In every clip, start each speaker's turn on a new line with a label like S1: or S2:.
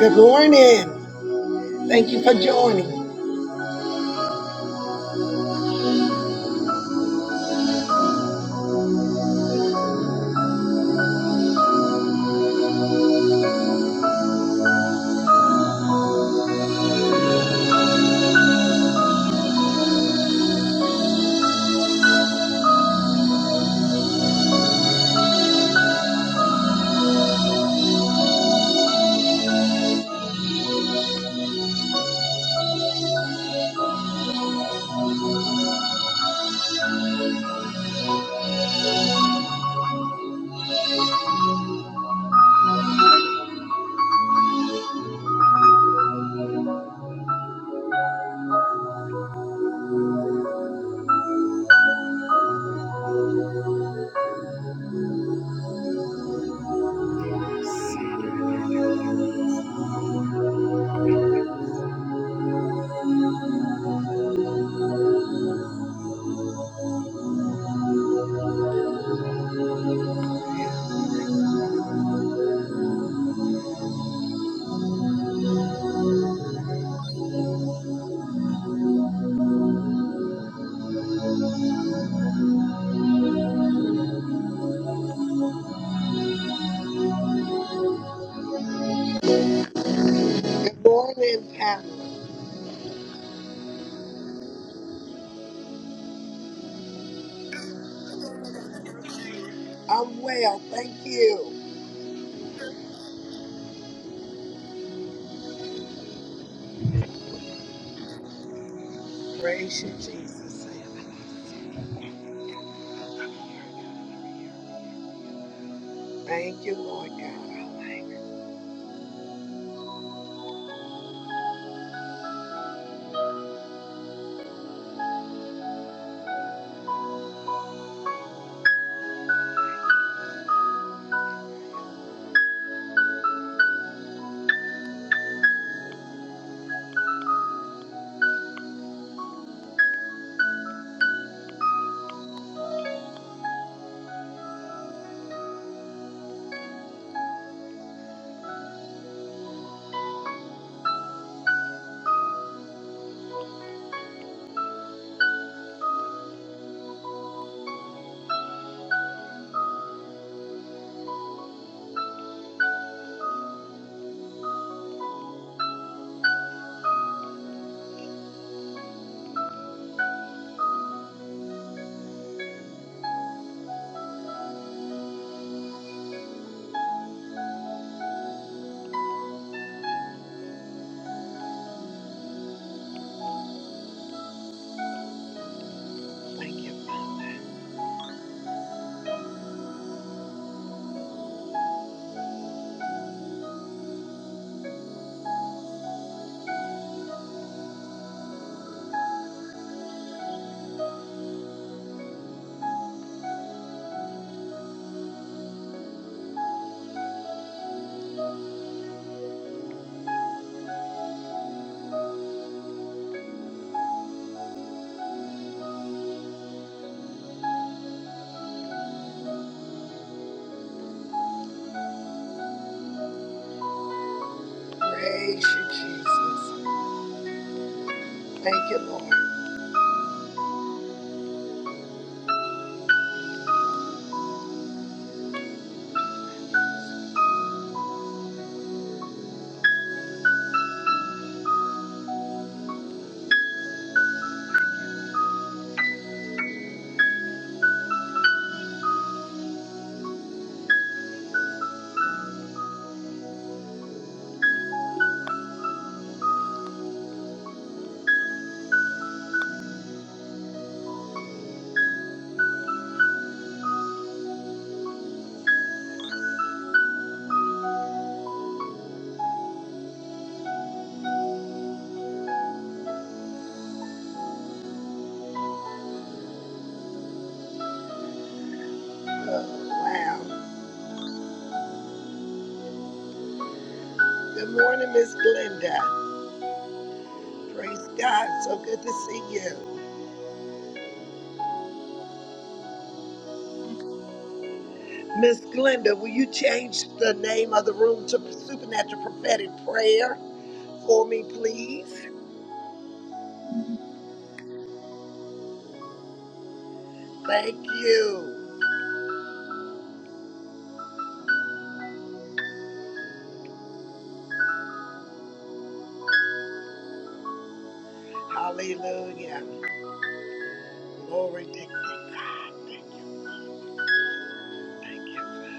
S1: Good morning. Thank you for joining. Good morning, Pamela. I'm well. Thank you. Praise you, Jesus. Thank you, Lord God. Thank you, Father. Praise you, Jesus. Thank you, Lord. Oh, wow. Good morning, Miss Glenda. Praise God. So good to see you. Miss Glenda, will you change the name of the room to Supernatural Prophetic Prayer for me, please?
S2: Thank
S1: Thank you. Hallelujah. Glory to God. Thank you. Thank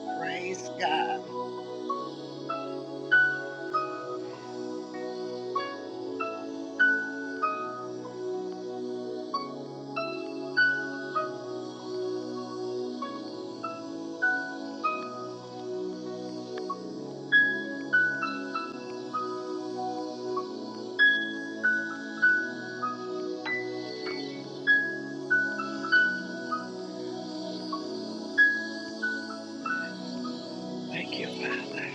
S1: you. Praise God. Thank you, Father.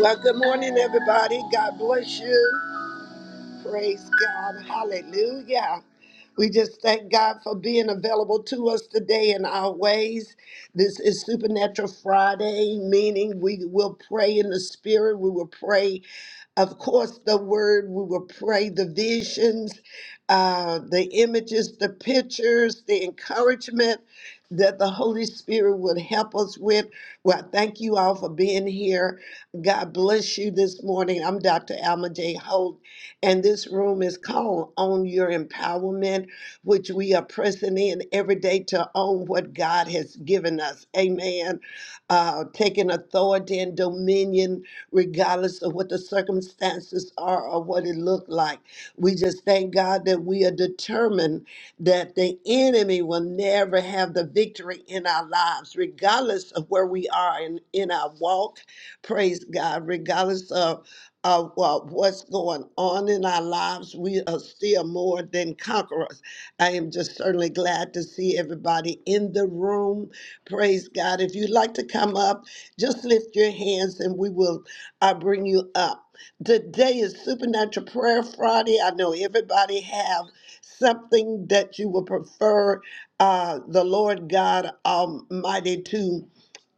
S1: Well, good morning, everybody. God bless you. Praise God. Hallelujah. We just thank God for being available to us today in our ways. This is Supernatural Friday, meaning we will pray in the Spirit. We will pray Of course, the word, we will pray the visions, uh, the images, the pictures, the encouragement that the Holy Spirit would help us with. Well, I thank you all for being here. God bless you this morning. I'm Dr. Alma J. Holt, and this room is called Own Your Empowerment, which we are pressing in every day to own what God has given us. Amen. Uh, taking authority and dominion regardless of what the circumstances are or what it looked like. We just thank God that we are determined that the enemy will never have the victory in our lives, regardless of where we are in, in our walk. Praise God, regardless of of uh, what's going on in our lives, we are still more than conquerors. I am just certainly glad to see everybody in the room. Praise God. If you'd like to come up, just lift your hands and we will I bring you up. Today is Supernatural Prayer Friday. I know everybody have something that you would prefer uh, the Lord God Almighty to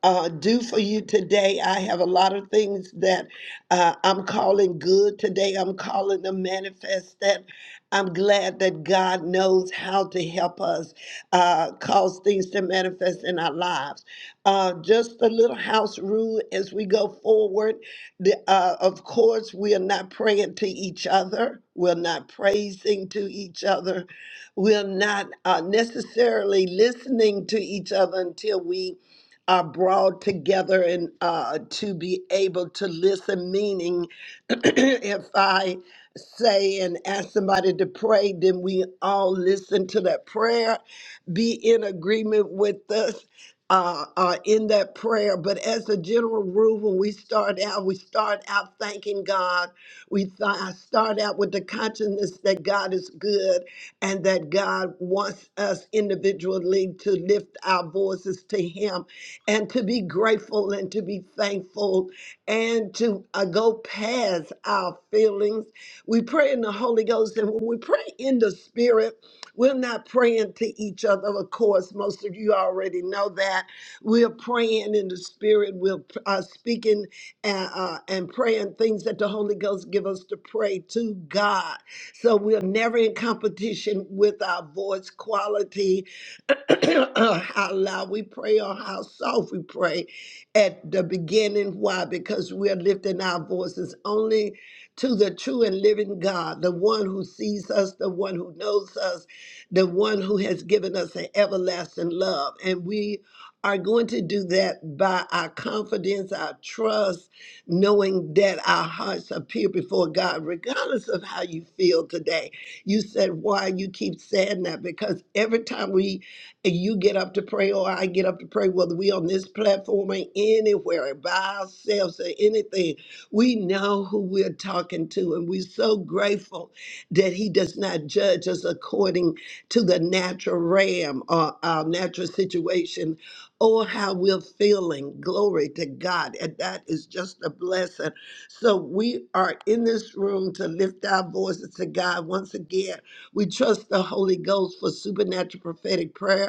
S1: uh, do for you today. I have a lot of things that uh, I'm calling good today. I'm calling them manifest. that. I'm glad that God knows how to help us uh, cause things to manifest in our lives. Uh, just a little house rule as we go forward. The, uh, of course, we are not praying to each other. We're not praising to each other. We're not uh, necessarily listening to each other until we are brought together and uh, to be able to listen. Meaning, if I say and ask somebody to pray, then we all listen to that prayer, be in agreement with us. Uh, uh, in that prayer, but as a general rule, when we start out, we start out thanking God. We th- I start out with the consciousness that God is good and that God wants us individually to lift our voices to Him and to be grateful and to be thankful and to uh, go past our feelings. We pray in the Holy Ghost, and when we pray in the Spirit, we're not praying to each other. Of course, most of you already know that. We're praying in the Spirit. We're uh, speaking uh, uh, and praying things that the Holy Ghost give us to pray to God. So we're never in competition with our voice quality how loud we pray or how soft we pray at the beginning. Why? Because we are lifting our voices only to the true and living God, the one who sees us, the one who knows us, the one who has given us an everlasting love. And we are going to do that by our confidence, our trust, knowing that our hearts appear before God, regardless of how you feel today. You said, Why you keep saying that? Because every time we and you get up to pray or I get up to pray, whether we on this platform or anywhere by ourselves or anything, we know who we're talking to. And we're so grateful that he does not judge us according to the natural realm or our natural situation or how we're feeling. Glory to God. And that is just a blessing. So we are in this room to lift our voices to God once again. We trust the Holy Ghost for supernatural prophetic prayer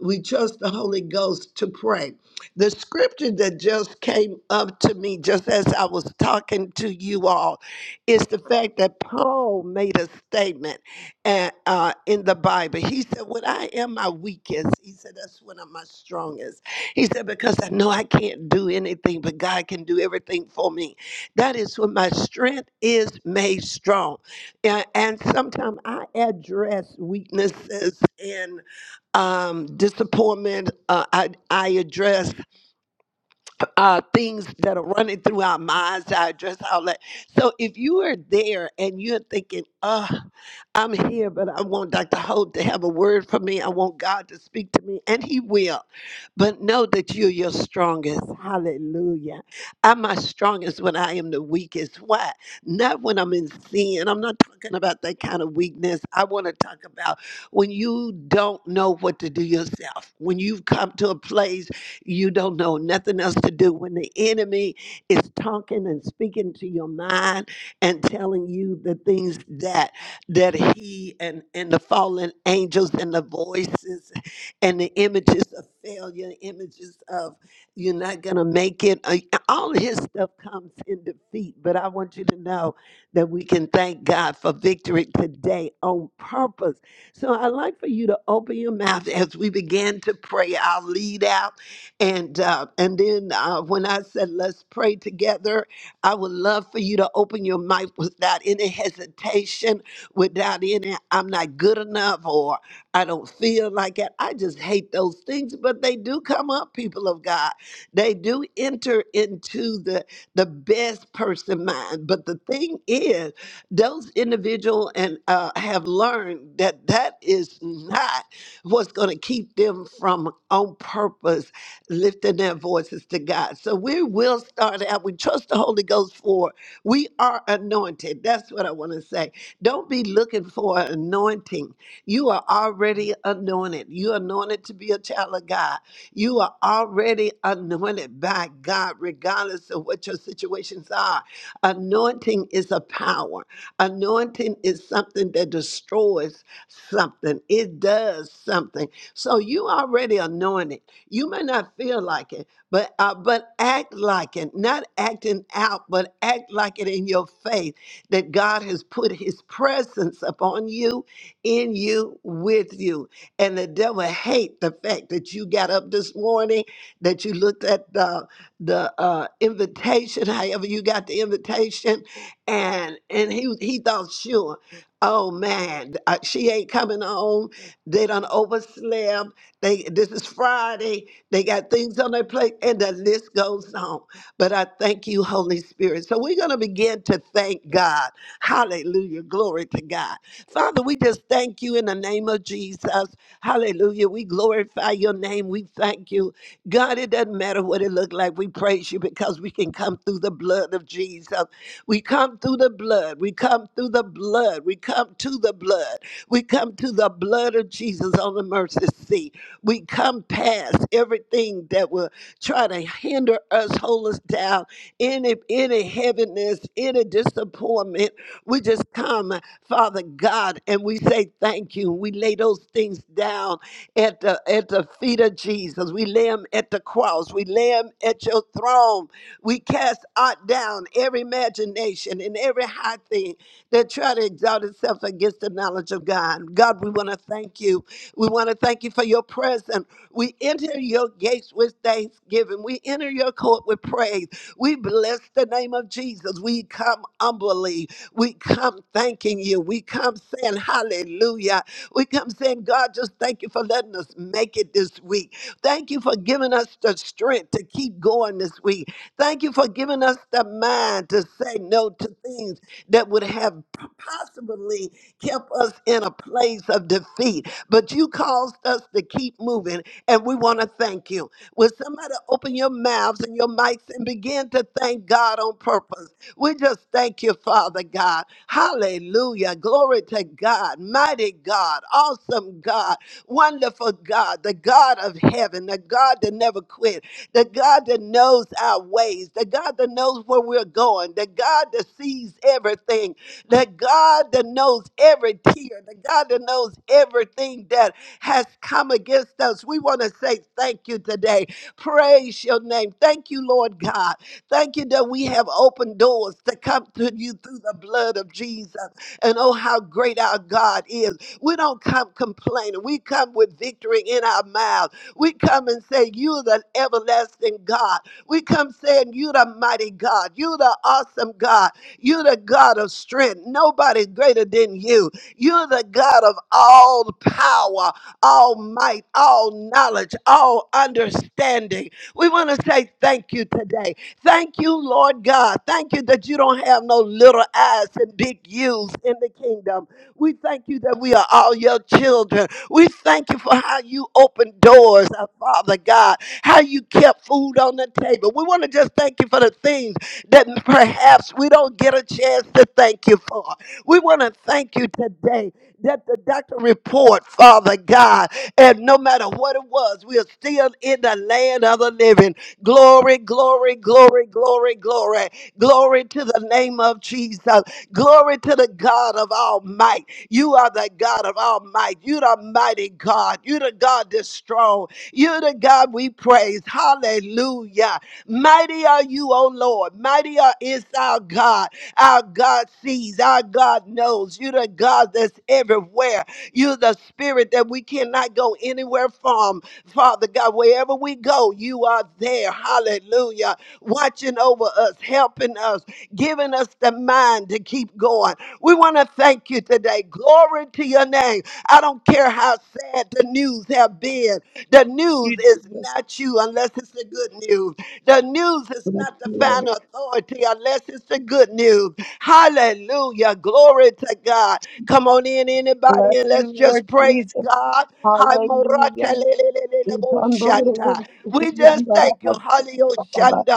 S1: we trust the Holy Ghost to pray. The scripture that just came up to me just as I was talking to you all is the fact that Paul made a statement and, uh, in the Bible. He said, When I am my weakest, he said, That's when I'm my strongest. He said, Because I know I can't do anything, but God can do everything for me. That is when my strength is made strong. And, and sometimes I address weaknesses and um, disappointment. Uh, I I addressed uh, things that are running through our minds, our address, all that. So if you are there and you're thinking, oh, I'm here, but I want Dr. Hope to have a word for me. I want God to speak to me, and He will. But know that you're your strongest. Hallelujah. I'm my strongest when I am the weakest. Why? Not when I'm in sin. I'm not talking about that kind of weakness. I want to talk about when you don't know what to do yourself, when you've come to a place you don't know nothing else to do when the enemy is talking and speaking to your mind and telling you the things that that he and and the fallen angels and the voices and the images of failure, images of you're not gonna make it. uh, All his stuff comes in defeat. But I want you to know that we can thank God for victory today on purpose. So I'd like for you to open your mouth as we begin to pray. I'll lead out and uh, and then uh, when I said let's pray together, I would love for you to open your mic without any hesitation, without any I'm not good enough or I don't feel like it. I just hate those things, but they do come up, people of God. They do enter into the the best person mind. But the thing is, those individual and uh, have learned that that is not what's going to keep them from on purpose lifting their voices to God. So we will start out. We trust the Holy Ghost for we are anointed. That's what I want to say. Don't be looking for an anointing. You are already anointed. You are anointed to be a child of God. You are already anointed by God, regardless of what your situations are. Anointing is a power. Anointing is something that destroys something. It does something. So you already anointed. You may not feel like it, but uh, but act like it. Not acting out, but act like it in your faith that God has put His presence upon you, in you, with you. And the devil hate the fact that you got up this morning, that you looked at the the uh, invitation, however you got the invitation, and and he he thought sure, oh man, uh, she ain't coming home. They done overslept they this is Friday. They got things on their plate, and the list goes on. But I thank you, Holy Spirit. So we're gonna begin to thank God. Hallelujah. Glory to God. Father, we just thank you in the name of Jesus. Hallelujah. We glorify your name. We thank you. God, it doesn't matter what it looked like. We praise you because we can come through the blood of Jesus. We come through the blood. We come through the blood. We come to the blood. We come to the blood of Jesus on the mercy seat. We come past everything that will try to hinder us, hold us down, any any heaviness, any disappointment. We just come, Father God, and we say thank you. We lay those things down at the at the feet of Jesus. We lay them at the cross. We lay them at your throne. We cast out down every imagination and every high thing that try to exalt itself against the knowledge of God. God, we want to thank you we want to thank you for your presence. We enter your gates with thanksgiving. We enter your court with praise. We bless the name of Jesus. We come humbly. We come thanking you. We come saying hallelujah. We come saying, God, just thank you for letting us make it this week. Thank you for giving us the strength to keep going this week. Thank you for giving us the mind to say no to things that would have possibly kept us in a place of defeat, but you caused us to keep moving, and we want to thank you. Will somebody open your mouths and your mics and begin to thank God on purpose? We just thank you, Father God. Hallelujah. Glory to God. Mighty God. Awesome God. Wonderful God. The God of heaven. The God that never quit. The God that knows our ways. The God that knows where we're going. The God that sees everything that God that knows every tear, the God that knows everything that has come against us. We want to say thank you today. Praise your name. Thank you, Lord God. Thank you that we have open doors to come to you through the blood of Jesus. And oh, how great our God is. We don't come complaining. We come with victory in our mouth. We come and say, You're the everlasting God. We come saying, You're the mighty God. You're the awesome God. You're the God of strength. Nobody greater than you. You're the God of all power, all might, all knowledge, all understanding. We want to say thank you today. Thank you, Lord God. Thank you that you don't have no little eyes and big U's in the kingdom. We thank you that we are all your children. We thank you for how you opened doors, our Father God, how you kept food on the table. We want to just thank you for the things that perhaps we don't get a chance to thank you for. We want to thank you today that the doctor report, Father God, and no matter what it was, we are still in the land of the living. Glory, glory, glory, glory, glory. Glory to the name of Jesus. Glory to the God of all might. You are the God of all might. You the mighty God. You the God that's strong. You the God we praise. Hallelujah. Mighty are you, O Lord. Mighty are- is our God. Our God sees. Our God knows. You're the God that's everywhere. You're the spirit that we cannot go anywhere from. Father God, wherever we go, you are there. Hallelujah. Watching over us, helping us, giving us the mind to keep going. We want to thank you today. Glory to your name. I don't care how sad the news have been. The
S2: you,
S1: news is
S2: Jesus.
S1: not you unless it's the good news. The news is
S2: Bless
S1: not the
S2: you, Lord.
S1: final authority unless it's the good news. Hallelujah. Glory to God. Come on in, anybody,
S2: Bless
S1: and let's
S2: you,
S1: just
S2: Lord
S1: praise
S2: Jesus.
S1: God. Hi, Morata, le,
S2: Hallelujah.
S1: le, le, le, le,
S2: Bless
S1: bo,
S2: your name, Jesus.
S1: shanta. We just
S2: Hallelujah,
S1: thank you,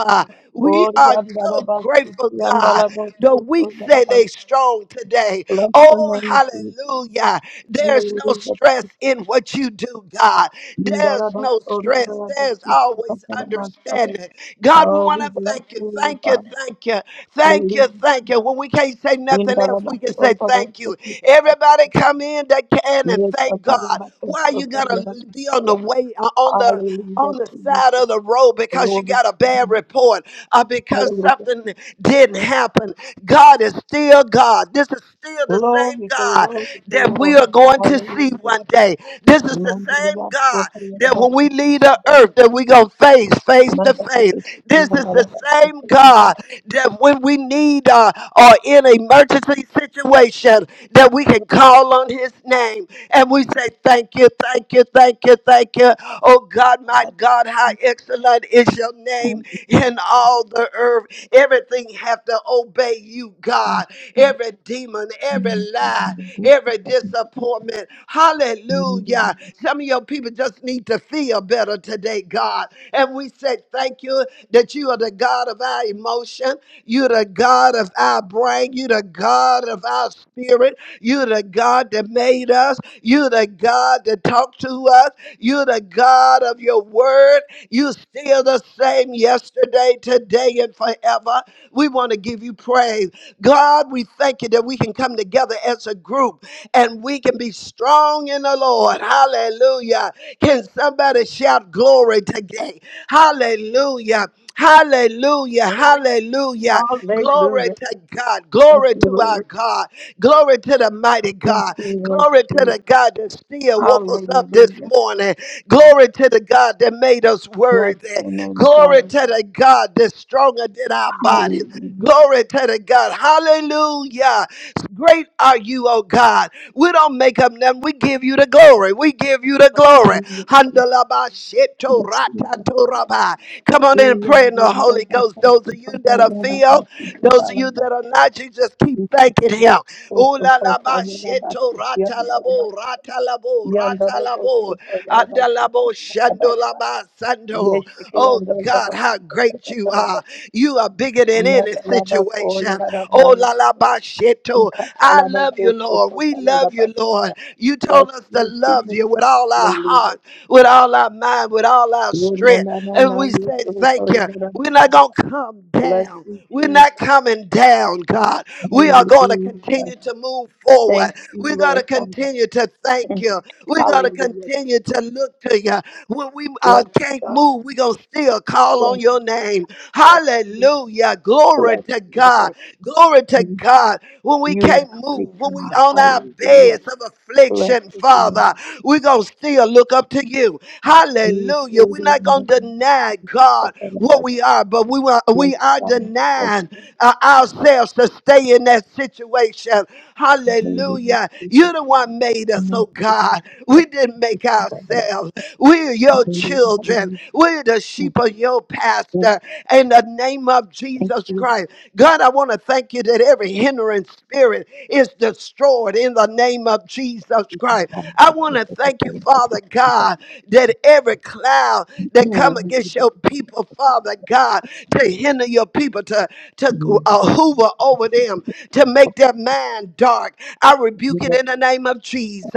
S2: Jesus.
S1: We
S2: Oh,
S1: are so grateful, God. The weak say they strong today. Oh, hallelujah. There's no stress in what you do, God. There's no stress. There's always understanding. God, we want
S2: we
S1: to
S2: bless
S1: thank you,
S2: you, Lord
S1: thank you,
S2: God.
S1: thank you. Thank
S2: Hallelujah,
S1: you, thank you. When we can't say nothing else, we can say thank you.
S2: Jesus.
S1: Everybody come in that can and thank God. Why you gonna be
S2: Indalabas,
S1: on the way uh, on the
S2: Hallelujah
S1: on the
S2: to you.
S1: side of the road because you
S2: Glory
S1: got a
S2: to
S1: bad
S2: you.
S1: report or because
S2: Hallelujah.
S1: something didn't happen. God is still God. This is still the same
S2: Glory,
S1: God
S2: glory,
S1: that we
S2: glory.
S1: are going to see
S2: Hallelujah.
S1: one day. This is the same
S2: Mandalia,
S1: God
S2: Rotary,
S1: that when we
S2: Rabaki,
S1: leave the earth that we going to face face to face.
S2: Mandate,
S1: This is the
S2: Mandalaka,
S1: same God
S2: Glory.
S1: that when we need uh, or in an emergency situation, that we can call on His name and we say, Thank you, thank you, thank you, thank you. Oh God, my God, how excellent is your name in all the earth. Everything have to obey you, God. Every demon, every lie, every disappointment. Hallelujah. Some of your people just need to feel better today, God. And we say Thank you that you are the God of our emotion. You're the God of our brain. You're the God of our spirit. You're the God that made us. You're the God that talked to us. You're the God of your word. You are still the same yesterday, today, and forever. We want to give you praise. God, we thank you that we can come together as a group and we can be strong in the Lord. Hallelujah. Can somebody shout glory today? Hallelujah. Hallelujah. Hallelujah. Glory
S2: Hallelujah.
S1: to God.
S2: Thank
S1: Glory
S2: you,
S1: to our
S2: Lord.
S1: God. Glory to the mighty
S2: Thank
S1: God.
S2: you, Lord,
S1: Glory to
S2: too.
S1: the God that still woke us up this
S2: Hallelujah.
S1: morning. Glory to the God that made us
S2: Bless
S1: worthy.
S2: your name, God.
S1: Glory to the God that's stronger than our bodies.
S2: Hallelujah.
S1: Glory to the God. Hallelujah. Great are you, oh God. We don't make up nothing. We give you the glory. We give you the glory.
S2: Hallelujah.
S1: Handalabashetoratatorabai. Come on in and
S2: Bless
S1: pray in the
S2: you,
S1: Holy Ghost.
S2: Jesus.
S1: Those of you that are filled, those of you that are not, you just keep thanking Him. Oolalabashetoratalabo, ratalabo, ratalabo, andalabo, shandolabasando. Oh God. God, how great you are. You are bigger than any situation. Oh, la la ba sheto. I love you, Lord. We love you, Lord. You told us to love you with all our
S2: Hallelujah.
S1: heart, with all our mind, with all our
S2: Lord, na
S1: strength.
S2: na na
S1: And
S2: na,
S1: we
S2: you
S1: say
S2: so so,
S1: thank
S2: you
S1: you.
S2: na na na
S1: We're not
S2: na.
S1: going to come
S2: Bless
S1: down.
S2: you,
S1: We're not
S2: Jesus.
S1: coming down, God. We are going to
S2: Hallelujah.
S1: continue to move forward.
S2: Thank you,
S1: We're going to
S2: Lord God.
S1: continue to thank you. We're going to
S2: Hallelujah.
S1: continue to look to you. When we uh,
S2: Bless you,
S1: can't
S2: God.
S1: move, we're going to still call
S2: Bless
S1: on
S2: you,
S1: your
S2: God.
S1: name.
S2: Bless you.
S1: Hallelujah. Glory
S2: Bless
S1: to
S2: you,
S1: God.
S2: Lord.
S1: Glory to
S2: You
S1: God. When we can't
S2: are great,
S1: move, when we
S2: God.
S1: on our
S2: Hallelujah.
S1: beds of
S2: Bless
S1: affliction,
S2: you, Lord.
S1: Father, we're going to still look up to you.
S2: You
S1: Hallelujah.
S2: are
S1: We're
S2: the
S1: not
S2: end
S1: going to deny
S2: of
S1: God
S2: the
S1: what
S2: God.
S1: we are, but we, want.
S2: Yes,
S1: we we are
S2: God. Bless
S1: denying
S2: you,
S1: uh, ourselves to stay in that situation. Hallelujah.
S2: Jesus.
S1: You the one made us, oh
S2: Bless
S1: God. We didn't
S2: you,
S1: make
S2: God.
S1: ourselves. We're your
S2: Hallelujah.
S1: children.
S2: Hallelujah.
S1: We're the sheep of your
S2: Yes,
S1: pastor. In the name of
S2: Thank
S1: Jesus
S2: you.
S1: Christ. God, I want to thank you that every hindering spirit is destroyed in the name of Jesus
S2: You can
S1: Christ.
S2: come
S1: I
S2: back
S1: want
S2: to
S1: to
S2: the
S1: thank you,
S2: same. Thank you,
S1: Father
S2: Jesus.
S1: God, that every cloud that come
S2: Mm,
S1: against
S2: Jesus.
S1: your people, Father God to hinder your people, to, to
S2: Mm,
S1: uh, hoover over them, to make their mind dark. I rebuke it in
S2: Jesus.
S1: the name of Jesus.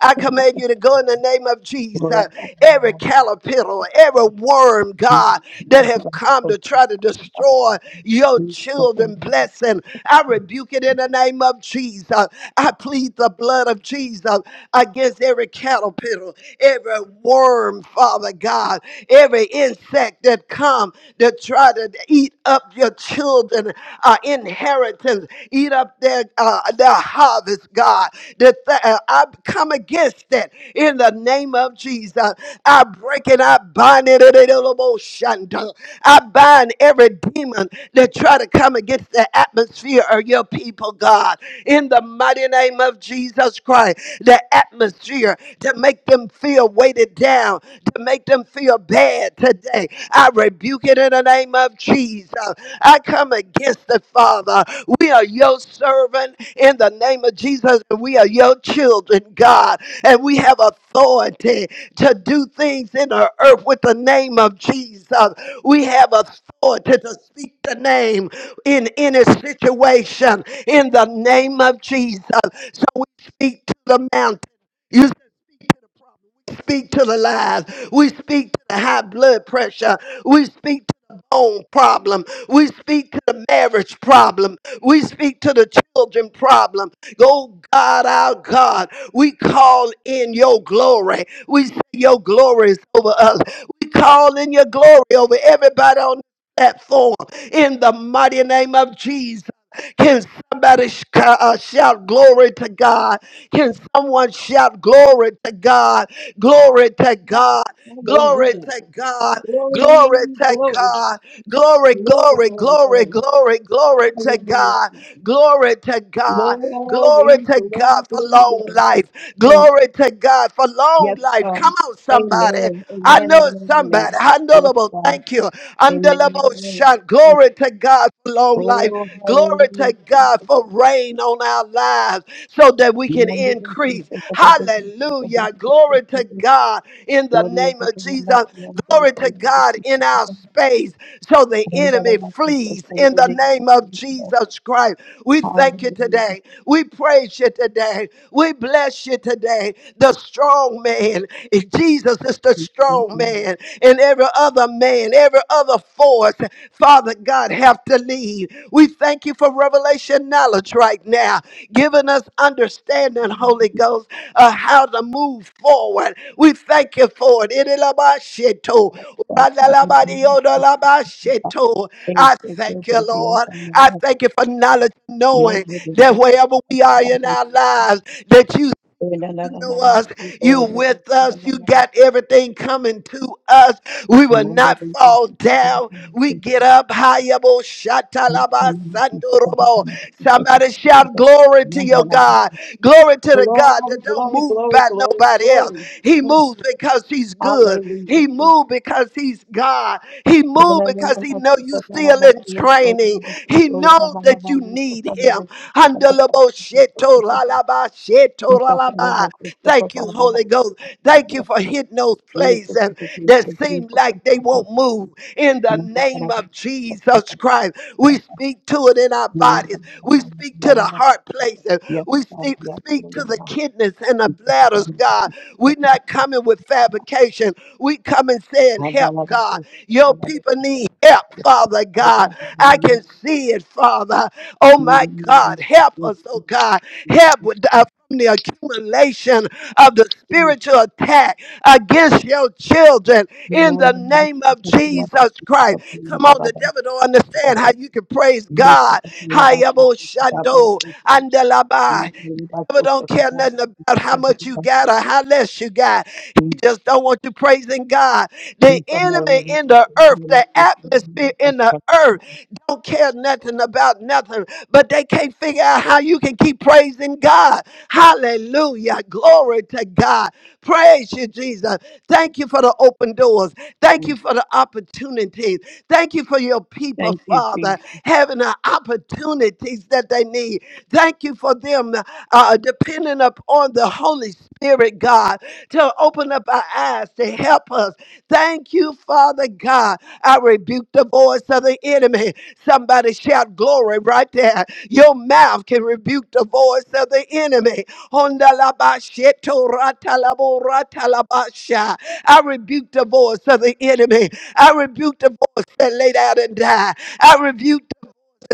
S1: I command you to go in the name of Jesus.
S2: Lord,
S1: Every caterpillar, every worm, God, that have come to try to destroy your children
S2: Hallelujah.
S1: blessing. I rebuke it in the name of Jesus. I plead the blood of Jesus against every caterpillar, every worm, Father God, every insect that comes come to try to eat up your children uh, inheritance, eat up their uh, their harvest, God. That th- uh, I come against it in the name of Jesus. I break it, I bind it, it- it- it'll shunda. I bind every demon that try to come against the atmosphere of your people, God. In the mighty name of Jesus Christ, the atmosphere to make them feel weighted down, to make them feel bad today I rebuke it in the name of Jesus. I come against it, Father. We are your servant in the name of Jesus. and We are your children, God, and we have authority to do things in the earth with the name of Jesus. We have authority to speak the name in any situation in the name of Jesus. So we speak to the mountain. You speak to the problem. We speak to the lies. We speak to the high blood pressure. We speak to the bone problem. We speak to the marriage problem. We speak to the children problem. Oh God, our God, we call in your glory. We say your glory is over us. We call in your glory over everybody on this platform in the mighty name of Jesus. Can somebody sh- uh, shout glory to God? Can someone shout glory to God? Glory to God.
S2: Glory,
S1: Glory to God. Glory to
S2: glory,
S1: God. Glory,
S2: glory,
S1: glory,
S2: glory,
S1: glory,
S2: glory.
S1: glory, glory to
S2: Hallelujah.
S1: God. Glory to God. Glory
S2: Glory,
S1: to
S2: glory,
S1: God for
S2: glory,
S1: long
S2: glory.
S1: life.
S2: Mm.
S1: Glory to God for long
S2: Yes,
S1: life.
S2: God.
S1: Come on, somebody.
S2: Amen.
S1: I
S2: Amen.
S1: know
S2: Amen.
S1: somebody.
S2: Amen. Yes,
S1: Handleable.
S2: God.
S1: Thank you.
S2: Amen.
S1: Handleable
S2: Amen.
S1: shot.
S2: Mm.
S1: Glory to God for long life.
S2: Oh,
S1: Glory
S2: hallelujah.
S1: to God
S2: Jesus.
S1: for rain on our our lives so that we can
S2: Remember the things
S1: increase.
S2: that the devil did, the devil did,
S1: Hallelujah.
S2: the
S1: Glory
S2: devil
S1: to
S2: did.
S1: God in the
S2: Lord, let
S1: name
S2: it
S1: of
S2: come back
S1: Jesus.
S2: to you and
S1: Glory to
S2: celebrate the
S1: God
S2: things
S1: in
S2: that the
S1: our
S2: devil
S1: space so the
S2: did. And that
S1: enemy
S2: I'm not so
S1: flees in the
S2: sorry.
S1: name of Jesus Christ. We thank you
S2: Hallelujah.
S1: today. We praise you today. We bless you today. The strong man, Jesus is the
S2: Glory,
S1: strong man, and every other man, and every other force, Father God, have to leave. We thank you for revelation knowledge right now, giving us understanding, Holy Ghost, of how to move forward. We thank you for it. Itilabasheto, radalabadiodolabasheto. I thank you, Lord. I thank you for knowledge, knowing that wherever we are in our lives, that you. You know us. You with us. You got everything coming to us. We will not fall down. We get up higher. bo- shatalaba sandorobo. Somebody shout glory to your God. Glory to the God that don't
S2: glory, glory,
S1: move by
S2: glory,
S1: nobody else.
S2: glory.
S1: He moves because he's good. He
S2: Hallelujah.
S1: moved because he's God. He moved because he knows know you still in training. He knows that you need him.
S2: I'm gonna
S1: Handalaboshetoralabashetoralaba.
S2: go
S1: Thank you,
S2: to
S1: Holy Ghost. Thank you for hitting those places that seem like they won't move. In the name of Jesus Christ, we speak to it in our bodies. We speak to the heart places. We speak, speak to the kidneys kidneys and the bladders, God. We're not coming with fabrication. We coming saying, help, God. Your people need help, Father God. I can see it, Father. Oh, my God. Help us, oh, God. Help with uh, from the accumulation of the spiritual attack against your children in the name of Jesus Christ. Come on, the devil don't understand how you can praise God. Hayabo Shando andelabai devil don't care nothing about how
S2: the
S1: much you
S2: store.
S1: got or how less you got. He just don't want you praising God. The
S2: Thank
S1: enemy in the earth, the atmosphere in the earth, don't care nothing about nothing, but they can't figure out how you can keep praising God. Hallelujah. Glory to God. Praise you, Jesus. Thank you for the open doors. Thank you for the opportunities. Thank you for your people,
S2: you, Jesus.
S1: Father, having the opportunities that they need. Thank you for them uh, depending upon the Holy Spirit, God, to open up our eyes to help us. Thank you, Father God. I rebuke the voice of the enemy. Somebody shout glory right there. Your mouth can rebuke the voice of the enemy. Hondalabashetoratalaboratalabasha. I rebuke the voice of the enemy. I rebuke the voice that laid out and died. I rebuke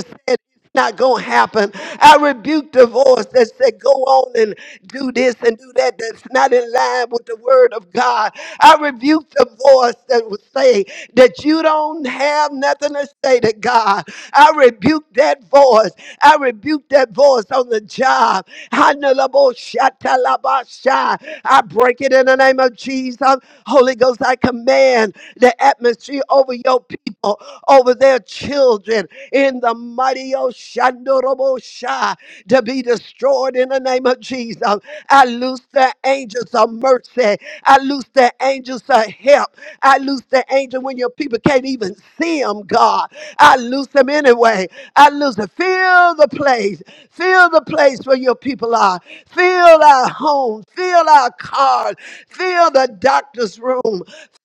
S1: that said it's not going to happen. I rebuke the voice that said, go on and do this and do that. That's not in line with the word of God. I rebuke the voice that would say that you don't have nothing to say to God. I rebuke that voice. I rebuke that voice on the job. Hanalaboshatalabasha. I break it in the name of Jesus. Holy Ghost, I command the atmosphere over your people, over their children in the mighty Oshandorobosha to be destroyed in the name of Jesus. I loose the angels of mercy. I loose the angels of help. I loose the angel when your people can't even see them, God. I loose them anyway. I loose them. Fill the place. Fill the place where your people are. Fill our home. Fill our cars. Fill the doctor's room.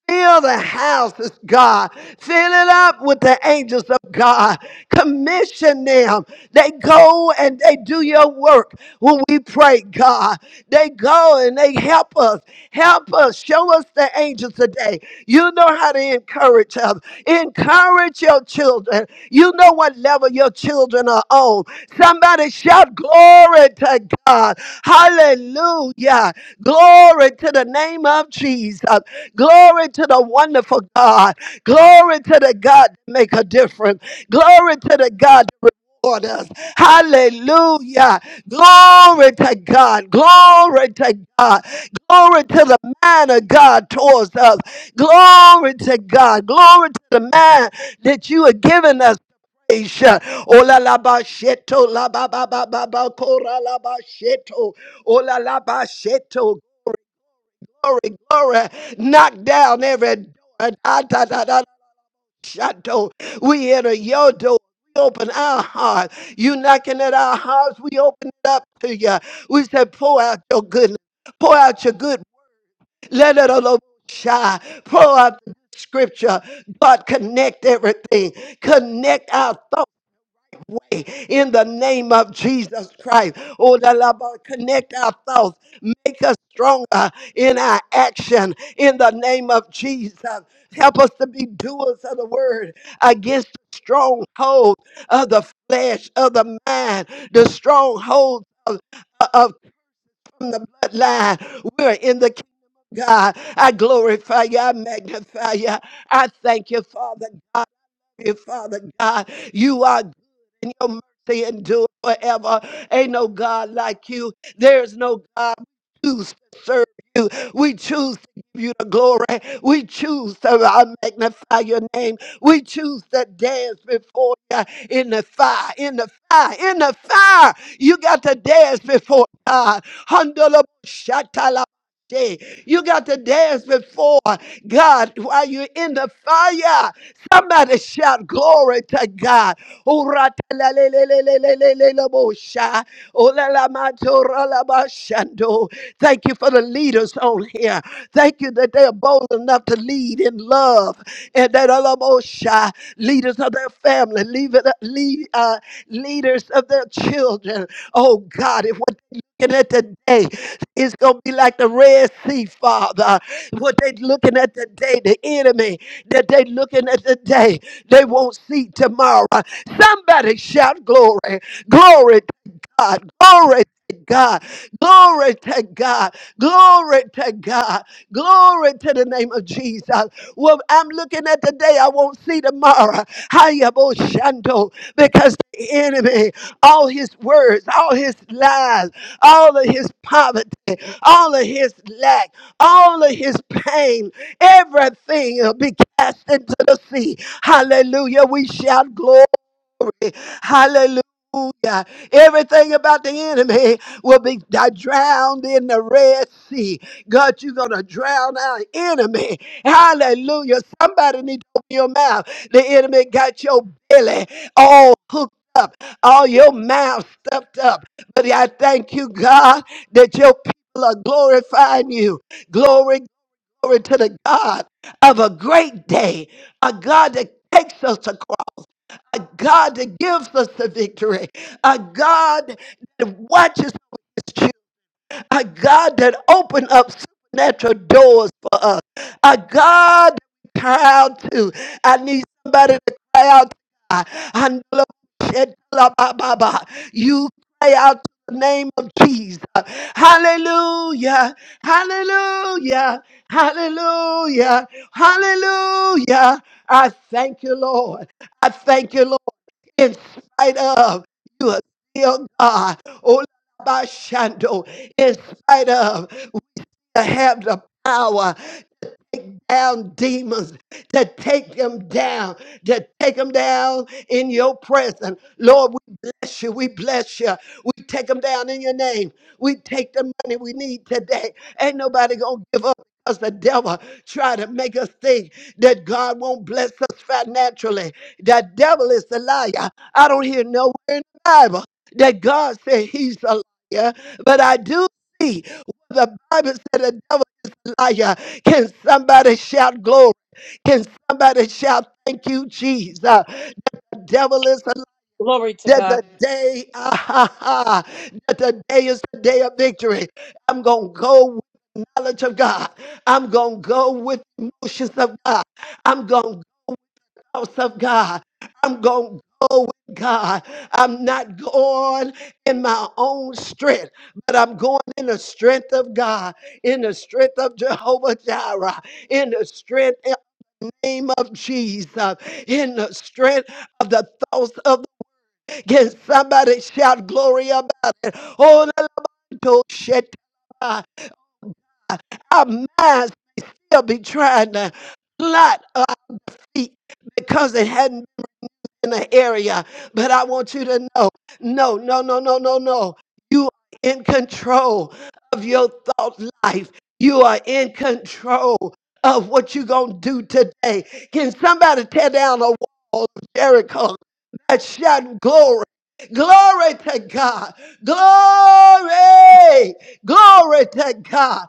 S1: Fill the houses, God. Fill it up with the angels of God. Commission them. They go and they do your work when we pray, God. They go and they help us. Help us. Show us the angels today. You know how to encourage us. Encourage your children. You know what level your children are on. Somebody shout glory to God. Hallelujah. Glory to the name of Jesus. Glory to the wonderful God. Glory to the God that make a difference. Glory to the God that reward us. Hallelujah. Glory to God. Glory to God. Glory to the man of God towards us. Glory to God. Glory to the man that you have given us. Isha. Ola la ba sheto la ba ba ba ba ba kora la ba sheto. Ola la ba sheto glory, glory, knock down every door. Ah, da, da, da, shadow. We enter your door. We open our heart. You knocking at our hearts. We open it up to you. We said, pour out your goodness. Pour out your good. Let it all shine. Pour out the scripture. God, connect everything. Connect our thoughts in the name of Jesus Christ. Oh, da la ba- connect our thoughts, make us stronger in our action in the name of Jesus. Help us to be doers of the word against the stronghold of the flesh, of the mind, the stronghold of, of from the bloodline. We're in the God, I glorify you. I magnify you. I thank you, Father God. you, Father God, you are and your mercy endure forever. Ain't no God like you. There's no God. We choose to serve you. We choose to give you the glory. We choose to uh, magnify your name. We choose to dance before you in the fire, in the fire, in the fire. You got to dance before God. Handala shatala day. You got to dance before God while you're in the fire. Somebody shout glory to God. Uratelelelelelelelelelebosha. Olelamatoralabashando. Thank you for the leaders on here. Thank you that they are bold enough to lead in love and that alabosha, leaders of their family, leave it, lead, uh, leaders of their children. Oh God, if what they're looking at today is going to be like the Red Sea, Father, what they're looking at today, the enemy that they're looking at today, they won't see tomorrow. Somebody shout glory, glory to God, glory to God, glory to God, glory to God, glory to the name of Jesus. What I'm looking at today, I won't see tomorrow. Hayabo Shando, because the enemy, all his words, all his lies, all of his poverty, all of his lack, all of his pain, everything will be cast into the sea. Hallelujah. We shout glory. Hallelujah. Hallelujah. Everything about the enemy will be d- drowned in the Red Sea. God, you're going to drown our enemy. Hallelujah. Somebody need to open your mouth. The enemy got your belly all hooked up, all your mouth stuffed up. But I thank you, God, that your people are glorifying you. Glory, glory to the God of a great day, a God that takes us across a God that gives us the victory, a God that watches us, children, a God that opens up supernatural doors for us, a God that we cry out to. I need somebody to cry out to God. Handle up, shed, la, ba, ba, ba. You cry out to the name of Jesus. Hallelujah, hallelujah, hallelujah, hallelujah. I thank you, Lord. I thank you, Lord in spite of you are still God. Oh, Bashando, in spite of you have the power, take down demons, to take them down, to take them down in your presence. Lord, we bless you. We bless you. We take them down in your name. We take the money we need today. Ain't nobody going to give up. Because the devil try to make us think that God won't bless us financially. The devil is the liar. I don't hear nowhere in the Bible that God said he's a liar, but I do see the Bible said the devil. Messiah. Can somebody shout glory? Can somebody shout thank you, Jesus? The devil is a
S2: Glory to
S1: that the
S2: God.
S1: day, ah, ha, ha, that the day is the day of victory. I'm gonna go with knowledge of God. I'm gonna go with emotions of God. I'm gonna house of God. I'm going to go with God. I'm not going in my own strength, but I'm going in the strength of God, in the strength of Jehovah Jireh, in the strength in the name of Jesus, in the strength of the thoughts of Can somebody shout glory about it? Oh, let me go shit. Uh, Our minds still be trying to plot our feet because it hadn't in the area, but I want you to know no, no, no, no, no, no. You are in control of your thought life, you are in control of what you're going to do today. Can somebody tear down a wall of Jericho that shout glory? Glory to God. Glory. Glory to God.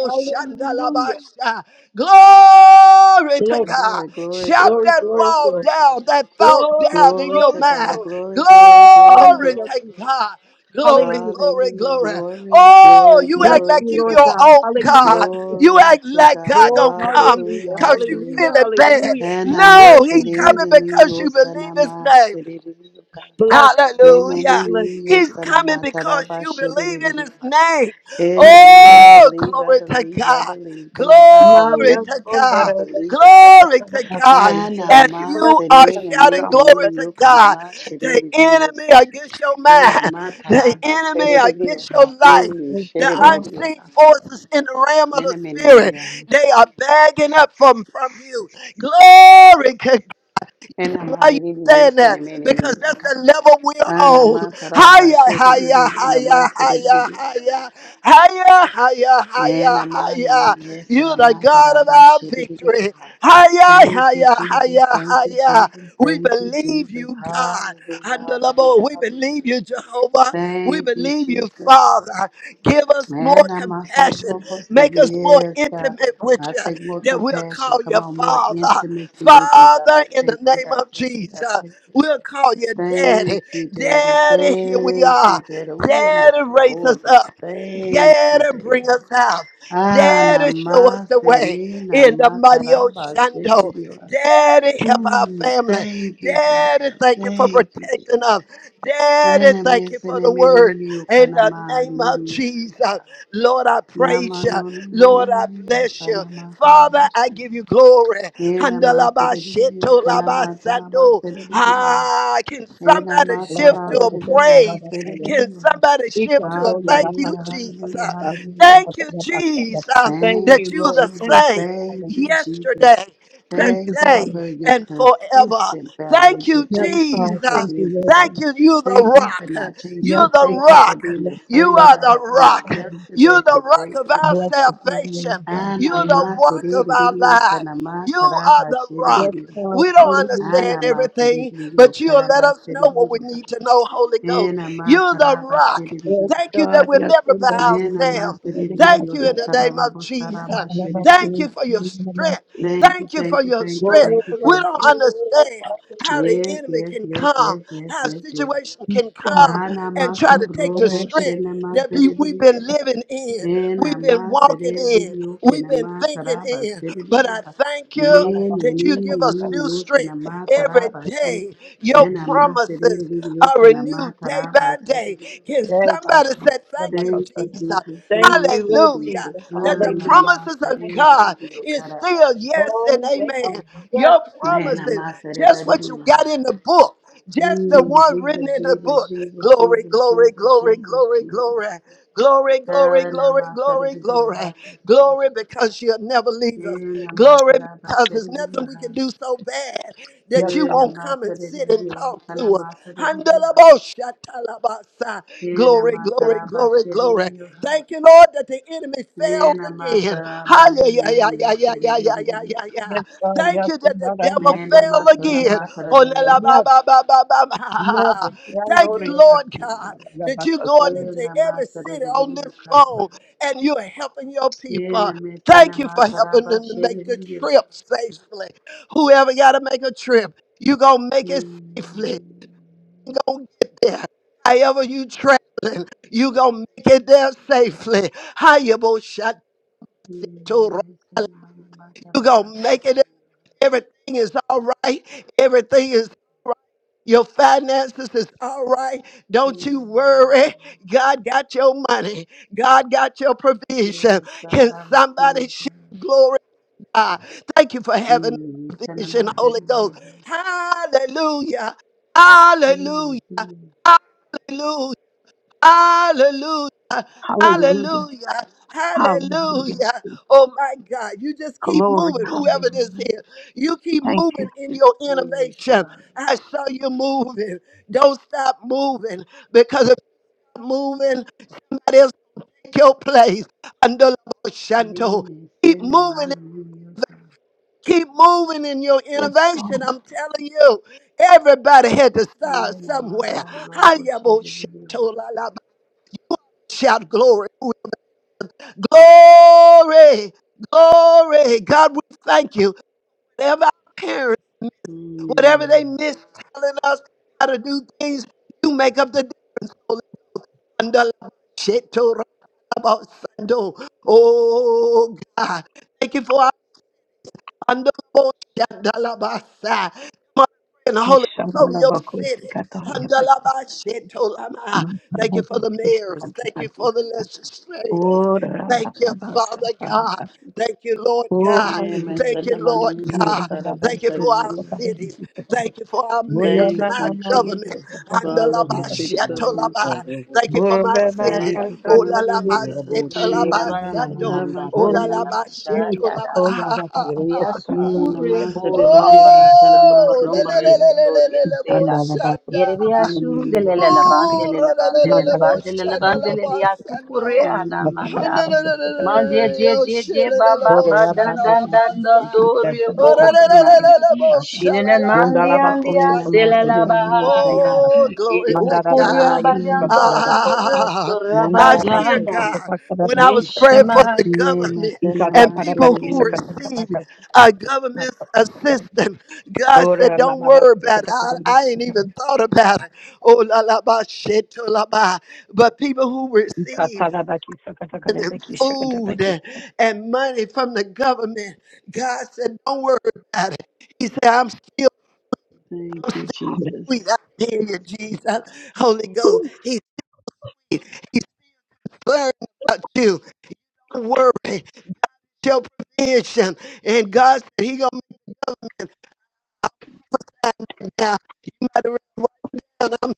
S2: Hallelujah.
S1: Glory to
S2: Glory,
S1: God.
S3: Glory, glory,
S1: Shout
S3: glory,
S2: glory,
S1: that
S3: glory,
S2: glory,
S1: wall
S2: glory.
S3: glory,
S1: down,
S3: glory.
S1: that thought
S2: Glory,
S1: down in
S3: Glory
S1: your
S3: to
S2: glory,
S1: mind.
S3: God.
S2: glory.
S3: Glory, glory, glory,
S1: Glory
S2: Hallelujah,
S3: glory,
S1: to
S2: Jesus.
S3: glory.
S1: God. Glory,
S2: Hallelujah.
S1: glory,
S3: Hallelujah.
S1: glory.
S3: Glory,
S1: Oh,
S3: glory,
S1: you
S2: Bless
S1: act
S3: glory
S1: like
S2: you,
S3: to
S1: you
S2: Lord
S1: your
S3: God.
S2: God.
S1: own
S2: Hallelujah.
S1: God. You
S3: Glory
S1: act
S3: to
S1: like
S3: God.
S1: God
S2: Oh,
S1: gonna come
S3: Hallelujah.
S2: hallelujah.
S1: because you
S3: Hallelujah.
S2: Hallelujah.
S1: feeling bad.
S2: Hallelujah.
S1: No,
S2: Bless
S1: he
S2: you, Jesus.
S1: coming because you believe his name.
S3: Hanamasaneneniyosanamasiririyoka.
S2: Bless you, God.
S1: Hallelujah.
S2: Bless you,
S1: He's
S2: God.
S1: coming because you believe in his
S3: Nemeneniniyosanamatarabashiririyoha.
S1: name.
S3: And
S2: Yes,
S3: am I
S2: Lord.
S1: Oh,
S3: believe, I
S1: glory to
S3: believe, I
S1: God.
S3: believe. Come on, I
S2: My,
S1: Glory
S2: yes,
S3: believe,
S1: to
S2: Lord. Bless
S3: I
S1: God.
S3: believe,
S2: you,
S3: I believe.
S1: Glory to God.
S3: And
S2: bless
S1: As
S3: am
S2: you,
S3: I
S1: you are
S2: bless
S3: senere
S2: you,
S3: me
S1: shouting
S2: God.
S1: glory
S2: Bless
S3: denini
S1: to
S3: yo
S2: you, God.
S1: God,
S3: kanama shere
S1: the
S3: didi yo
S1: enemy
S3: sa.
S1: against your
S3: And
S1: mind,
S3: am I
S1: the
S3: taraba
S1: enemy
S3: shere didi yo
S1: against your
S3: ha.
S1: life,
S3: Mm,
S2: Thank
S1: the
S3: shere didi
S2: you,
S3: yo
S1: unseen
S3: ha.
S1: forces in the realm of
S3: And
S1: the
S3: am I didi
S1: spirit,
S3: yo ha.
S1: they are bagging up from, from you. Glory
S3: And am I
S1: why you
S3: didi ye
S1: saying
S3: sene
S1: that
S3: me
S1: because
S3: didi ya
S1: that's
S3: ka.
S1: the level we're
S3: And am
S1: on.
S3: I taraba
S1: Higher,
S3: shere
S1: higher,
S3: didi yo nama
S1: higher,
S3: shere
S1: higher,
S3: yo ha.
S1: higher, higher, higher,
S3: And
S1: higher,
S3: am I
S1: higher.
S3: yes and
S1: You're
S3: am
S1: the
S3: I
S1: God of
S3: taraba
S1: our
S3: shere didi yo
S1: victory.
S3: ha.
S1: Higher,
S3: Thank you,
S1: higher,
S3: Jesus.
S1: higher,
S3: Thank you,
S1: higher.
S3: Jesus.
S1: We
S3: Thank you,
S1: believe
S3: Jesus.
S1: you, God.
S3: Hallelujah,
S1: And the Lord,
S3: hallelujah,
S1: We believe
S3: hallelujah.
S1: you, Jehovah. We
S3: Thank you,
S1: believe you,
S3: Jesus.
S1: Father. Give us more
S3: Man, I'm also
S1: compassion.
S3: robust.
S1: Make us more
S3: Yes, God.
S1: intimate with
S3: I
S1: you
S3: take more
S1: that we'll
S3: compassion.
S1: call
S3: Come
S1: you
S3: on, more
S1: Father.
S3: intimacy with you, God. I
S1: Father, in the
S3: take it,
S1: name
S3: I
S1: of
S3: take it,
S1: Jesus,
S3: I take it.
S1: we'll call you
S3: Thank
S1: Daddy.
S3: you, Daddy.
S1: Daddy, here we
S3: Thank
S1: are.
S3: you, Daddy. Ooh, I'm a
S1: Daddy, raise us
S3: spoil break.
S1: up.
S3: Thank you,
S1: Daddy, bring
S3: Daddy.
S1: us out.
S3: Ah,
S1: Daddy, show us the
S3: namaste,
S1: way
S3: ni
S1: in the
S3: namaste,
S1: mighty Oshando. Daddy, help our
S3: Mm,
S1: family.
S3: thank you,
S1: Daddy,
S3: Father.
S1: thank you for
S3: Thank you,
S1: protecting
S3: Daddy.
S1: us.
S3: And
S1: Daddy,
S3: I
S1: thank you
S3: miss
S1: for
S3: and I
S1: the
S3: mean ni
S1: word.
S3: you
S1: In
S3: can I
S1: the
S3: man
S1: name
S3: in
S1: of
S3: the yes.
S1: Jesus, Lord, I praise
S3: Nama
S1: you.
S3: no no money
S1: Lord, I
S3: in the yes
S1: bless
S3: and
S1: you.
S3: I
S1: Father, I
S3: matanabashi.
S1: give you glory.
S3: And I must say
S1: Handalaba
S3: it is you
S1: sheto
S3: can I
S1: laba
S3: matanaba
S1: sando.
S3: said it is you.
S1: Ah, can
S3: And I
S1: somebody shift to
S3: matarada
S1: a
S3: you have
S1: praise?
S3: said it is
S1: Can
S3: you.
S1: somebody shift to a thank you,
S3: Hallelujah,
S1: Jesus?
S3: hallelujah, hallelujah.
S1: Thank you, Jesus,
S3: Thank
S1: that you
S3: you,
S1: are the
S2: Lord.
S3: Jesus.
S2: Thank you,
S1: same
S3: Thank
S2: Father.
S3: you, Jesus.
S1: yesterday,
S2: Thank you,
S3: Thank you
S2: Father.
S1: today,
S3: for your
S1: and forever.
S3: consistent
S1: Thank
S3: foundation.
S1: you,
S2: Yes,
S3: Thank
S2: God.
S3: you for
S1: Jesus.
S2: Thank you,
S3: being the
S2: Lord
S1: Thank
S3: same.
S2: Jesus.
S1: you. You're
S3: Thank
S1: the
S3: you for
S1: rock.
S3: not changing
S2: Yes,
S1: You're
S3: up.
S1: the
S2: you
S3: Thank
S2: are
S3: you for
S2: God.
S1: rock.
S3: being
S2: Yes,
S3: the
S1: You
S2: Lord.
S3: same
S2: God,
S1: are
S2: I
S1: the
S2: thank
S3: God.
S2: you
S3: Come
S2: for
S3: on,
S1: rock.
S2: that gift,
S3: yesterday,
S1: You're
S2: Father.
S1: the rock
S3: today,
S1: of
S3: and
S1: our
S2: Blessed
S3: forever.
S2: be your
S1: salvation.
S2: name, God.
S1: You're
S2: Hallelujah.
S1: the rock of our
S3: Anamasidiriyo
S1: lives.
S3: sanama
S1: You are the
S2: Yes,
S1: rock.
S3: tarabashidiriyo.
S2: God.
S1: We don't
S2: Hallelujah.
S1: understand everything,
S3: Anamasidiriyo
S1: but you'll let us know what we
S3: karabasidiriyo.
S1: need to know, Holy Ghost. You're the rock.
S2: Yes,
S3: Enamatarabashidiriyo.
S1: Thank you that
S2: God.
S1: we're
S2: Yes,
S1: never
S2: Lord.
S1: by
S2: God, I thank you
S1: ourselves.
S2: for that gift. I thank you
S1: Thank
S3: Enamasidiriyo
S2: for
S1: you in the
S2: that
S1: name of
S2: I
S1: Jesus.
S2: thank
S1: Thank
S3: hatarabostarabashidiriyo.
S1: you
S2: you
S1: for your strength.
S3: Thank you,
S1: Thank you for
S3: thank you,
S1: your
S3: thank you,
S2: Lord,
S1: strength.
S3: thank you,
S1: We
S2: bless
S3: thank
S1: don't
S3: you.
S2: you, Lord.
S1: understand how the
S3: Yes,
S1: enemy
S3: yes,
S1: can
S3: yes,
S1: come,
S3: yes, yes,
S1: how a
S3: yes, yes.
S1: situation can
S2: Hallelujah.
S1: come
S2: God,
S3: Ana
S1: and try
S3: maso
S1: to take
S2: what
S1: the
S2: I
S3: robo
S2: did.
S1: strength
S3: shena
S1: that be, we've
S3: maserediyo.
S1: been living in,
S3: Ena
S1: we've been walking in,
S3: maserediyo
S1: we've
S3: kena
S1: been thinking
S3: mataraba
S1: in. But
S3: serediyo.
S1: I thank you
S3: Mene
S1: that you
S3: nini
S1: give us
S3: nini
S1: new
S3: yo sena
S1: strength every
S3: mataraba she.
S1: day. Your
S3: Ena
S1: promises
S3: maserediyo
S1: are
S3: kena
S1: renewed day by
S3: mataraba
S1: day.
S3: serediyo.
S1: Can somebody say thank you,
S3: Thank you,
S1: Jesus?
S3: Jesus.
S2: Thank
S3: Thank
S2: you,
S3: you,
S2: Lord Jesus.
S1: Hallelujah.
S3: Jesus.
S1: That the
S3: Ana
S2: Hallelujah.
S1: promises of
S2: Thank you, God.
S1: God
S3: maserediyo
S1: is
S3: karaba
S1: still yes
S3: serediyo.
S1: and
S2: Oh, they are
S1: amen.
S2: yes.
S1: Your
S3: Ena
S1: promises, just what you
S3: maserediyo.
S1: got in the book, just the
S3: Mm,
S1: one written
S3: Jesus,
S1: in the
S3: Jesus,
S1: book.
S3: Jesus,
S1: Glory,
S3: Jesus,
S1: glory,
S3: Jesus,
S1: glory,
S3: Jesus,
S1: glory,
S3: Jesus.
S1: glory, glory, glory,
S3: Hana
S1: glory,
S3: matara
S1: glory,
S3: di yoha
S1: glory, glory,
S3: saskushi.
S1: because she'll never leave us.
S3: Hana
S1: Glory,
S3: matara
S1: because there's
S3: basari di
S1: nothing we can
S3: yoha.
S1: do so bad
S2: Yes,
S1: that you
S3: Hana
S2: God.
S1: won't come and
S3: matara
S1: sit
S3: di
S1: and
S3: yoha.
S1: talk to
S3: Tana
S1: us.
S3: matara di yoha.
S1: Handalaboshatalabasa.
S3: Hana
S1: Glory, glory,
S3: matara
S1: glory,
S3: basari
S1: glory.
S3: di yoha.
S1: Thank you, Lord, that the enemy failed
S3: Hana
S1: again.
S3: matara mani
S1: Hallelujah.
S3: ni ni yoke de be di yoha.
S2: Yes, God.
S1: Thank
S2: Yes,
S1: you
S2: God.
S1: that the
S2: Never,
S1: devil
S3: Hana
S1: fell
S3: matara
S1: again.
S3: matara
S1: Oh, la,
S3: di
S1: la,
S3: yoha. Hana matara
S1: ba, ba, ba, ba, ba, ba.
S2: never.
S1: Thank you, Lord
S3: di
S1: God, that you're
S3: yoha.
S1: going into
S3: Hana
S1: every city on this
S3: matara di ma.
S1: phone and you're helping your
S3: Tena
S1: people.
S3: mesena
S1: Thank you for helping
S3: mataraba
S1: them to make the
S3: shereyo.
S1: trip safely. Whoever got to make a trip, you're going to make it safely. You're
S3: Mesena
S1: going to get there. However you traveling, you're going to make it there safely. How you going to you're
S3: mataraba
S1: make
S3: shereyo.
S1: it Everything is all right. Everything is all right. Your finances is all right. Don't you worry. God got your money. God got your provision.
S3: Yes, God,
S1: Can
S3: I
S1: somebody
S3: receive
S1: shout
S3: them.
S1: glory to God? Thank you for having
S3: Mm, Tena
S1: provision, Holy
S3: matereyo.
S1: Ghost. Hallelujah. Hallelujah.
S3: Mm-hmm.
S1: Hallelujah. Hallelujah.
S2: Hallelujah.
S1: Hallelujah.
S2: Hallelujah.
S1: Hallelujah. Oh my God. You just keep
S2: Glory.
S1: moving, whoever this
S2: Hallelujah.
S1: is. You keep
S2: Thank you.
S1: moving in your
S3: Yes,
S1: innovation.
S3: God.
S1: I saw you moving. Don't stop moving because if you're moving, somebody else take your place. Under Shanto.
S3: Nene
S1: Keep
S3: sena
S1: moving.
S3: maniyo sa.
S1: Keep moving in your
S2: Yes, God.
S1: innovation. I'm telling you, everybody had to start
S3: Nene
S1: somewhere.
S3: maso robo
S1: Hayabo
S3: shereyo.
S1: Shanto la la. Shout glory. Glory, glory. God, we thank you. Whatever our parents, whatever they
S3: Mm.
S1: miss telling us how to do things, you make up the devil. Oh, God. Thank you for Under the bush, under the basa. Come on, pray in the Holy Ghost over your city. Under the
S2: Ishandarabakosikatarabaki.
S1: Thank you for the mayors. Thank you
S2: Makarabakisikatarabaki.
S1: for the legislators. Thank you, Father God.
S2: Orarababasatarabaki.
S1: Thank you, Lord
S2: Oh,
S1: God.
S3: Nene
S1: Thank
S2: hallelujah.
S3: sena
S1: you, Lord
S3: maniyo
S1: God.
S3: karaba
S1: Thank you for our
S3: shereyo.
S1: cities.
S2: Yemandarabakosikatarabaki.
S1: Thank you for our mayors
S3: Thank
S1: and our
S3: you,
S1: government.
S3: Jesus, for our local
S1: Andalaba
S3: city
S4: Yamashanta,
S2: Murabamamayesokatarabakisakatarabaki.
S3: government,
S1: shatolaba.
S3: God.
S4: Karubu
S1: Thank you for my city.
S3: Thank you
S4: Sukarabadana.
S3: for my
S1: Olalaba
S3: city,
S4: Yerabu
S3: God. Thank
S1: setolaba
S3: you,
S2: Murabakasayadidesoyadamamaya.
S4: Shirabana
S3: God.
S1: sando.
S3: Now
S4: Namanda
S3: my
S4: Bala
S3: city,
S1: Olalaba
S3: Lord.
S4: Lavasha
S1: shetolaba. Ha, ha,
S4: Ilia
S1: ha,
S3: Mm,
S1: ha.
S3: na
S4: sukure
S3: ma city, Lord.
S2: Murabakasayadidesoyadamamaya.
S4: borambara
S3: Hatana
S4: sato
S3: ma
S1: Oh, le le
S4: korambara
S1: le
S3: city,
S1: le le le
S4: satoria
S1: le le bo
S4: sera.
S2: Mandala bako
S4: Iria
S1: shanda.
S2: sakata
S4: shundele
S3: Mm,
S4: la
S2: sakata kai.
S1: Oh,
S4: bandele
S1: ra,
S4: la
S1: le le le
S4: bandele la
S1: le
S2: Mandala
S1: bo
S2: bako
S4: bandele la
S1: shanda
S2: sakata
S1: la
S4: bandele
S1: ba
S4: lia
S2: sakata.
S4: sukure
S1: sando.
S4: ana
S1: Oh,
S2: Matakala
S4: manda.
S2: bako
S3: mm.
S2: sakata
S4: Manje
S2: sakata.
S4: je je je bamba ba
S2: Borora
S4: dan
S2: baba
S4: dan dan
S2: baba
S4: dan
S2: siki
S4: dori
S2: sakata
S4: bos
S2: bako
S4: madam.
S2: sakata sakata.
S4: Shinen and mandi
S2: Mandala bako
S4: andia
S3: Ne na
S2: sakata
S3: ma
S4: sela la
S3: city, Lord.
S4: baya.
S2: sakata sakata.
S4: Iri
S1: glory to
S2: Mandala na na
S4: ukura
S1: God.
S2: na yesu
S3: Mm.
S4: bariando
S2: sakata bako
S4: rabora
S2: sakata.
S1: Ah, I
S2: Mandala
S4: sorabaya.
S1: hear
S2: bako
S1: God
S2: sakata
S1: when I was
S2: sakata
S1: praying for
S2: sakata.
S1: the
S4: Mishamaya.
S3: Ne ma
S1: government
S3: sana
S2: Ikata
S1: and
S3: ma
S2: kana
S1: people
S3: city,
S2: baki
S1: who
S2: sakata
S1: receive
S2: sakata
S1: uh, government
S2: sakata.
S1: assistance. God said,
S2: Borora
S1: Don't
S2: mama bako
S1: worry about it.
S2: sakata
S1: I, I ain't
S2: sakata.
S1: even thought about it. Oh, la la ba, shit, to la ba. But people who receive
S2: Hallelujah.
S1: and food and, money from the government. God said, Don't worry about it. He said, I'm still
S3: Thank you,
S1: sweet.
S3: Jesus.
S1: I hear you, Jesus. Holy Ghost. He, he's flirting about you. Don't worry. Your provision. And God said, He gonna make the government find right now. You might have read right down. I'm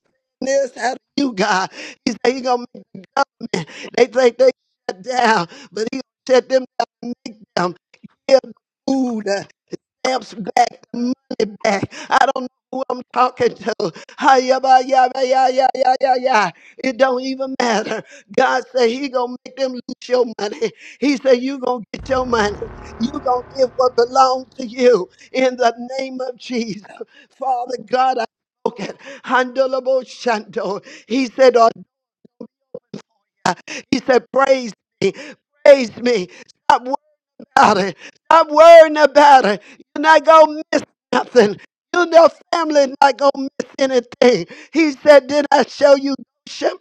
S1: saying this out of you, God. He said, He gonna make the government. They think they shut down, but he gonna shut them down and make them. give them Food. stamps back, the money back. I don't know who I'm talking to. Hi, yeah, bye, yeah, bye, yeah, yeah, yeah, yeah, yeah. It don't even matter. God said he gonna make them lose your money. He said you gonna get your money. You gonna give what belongs to you in the name of Jesus. Father God, I spoken. Handleable Shanto. He said, oh, yeah." he said, praise me, praise me about it. Stop worrying about it. You're not going to miss nothing. You and your family not going to miss anything. He said, Did I show you Goshen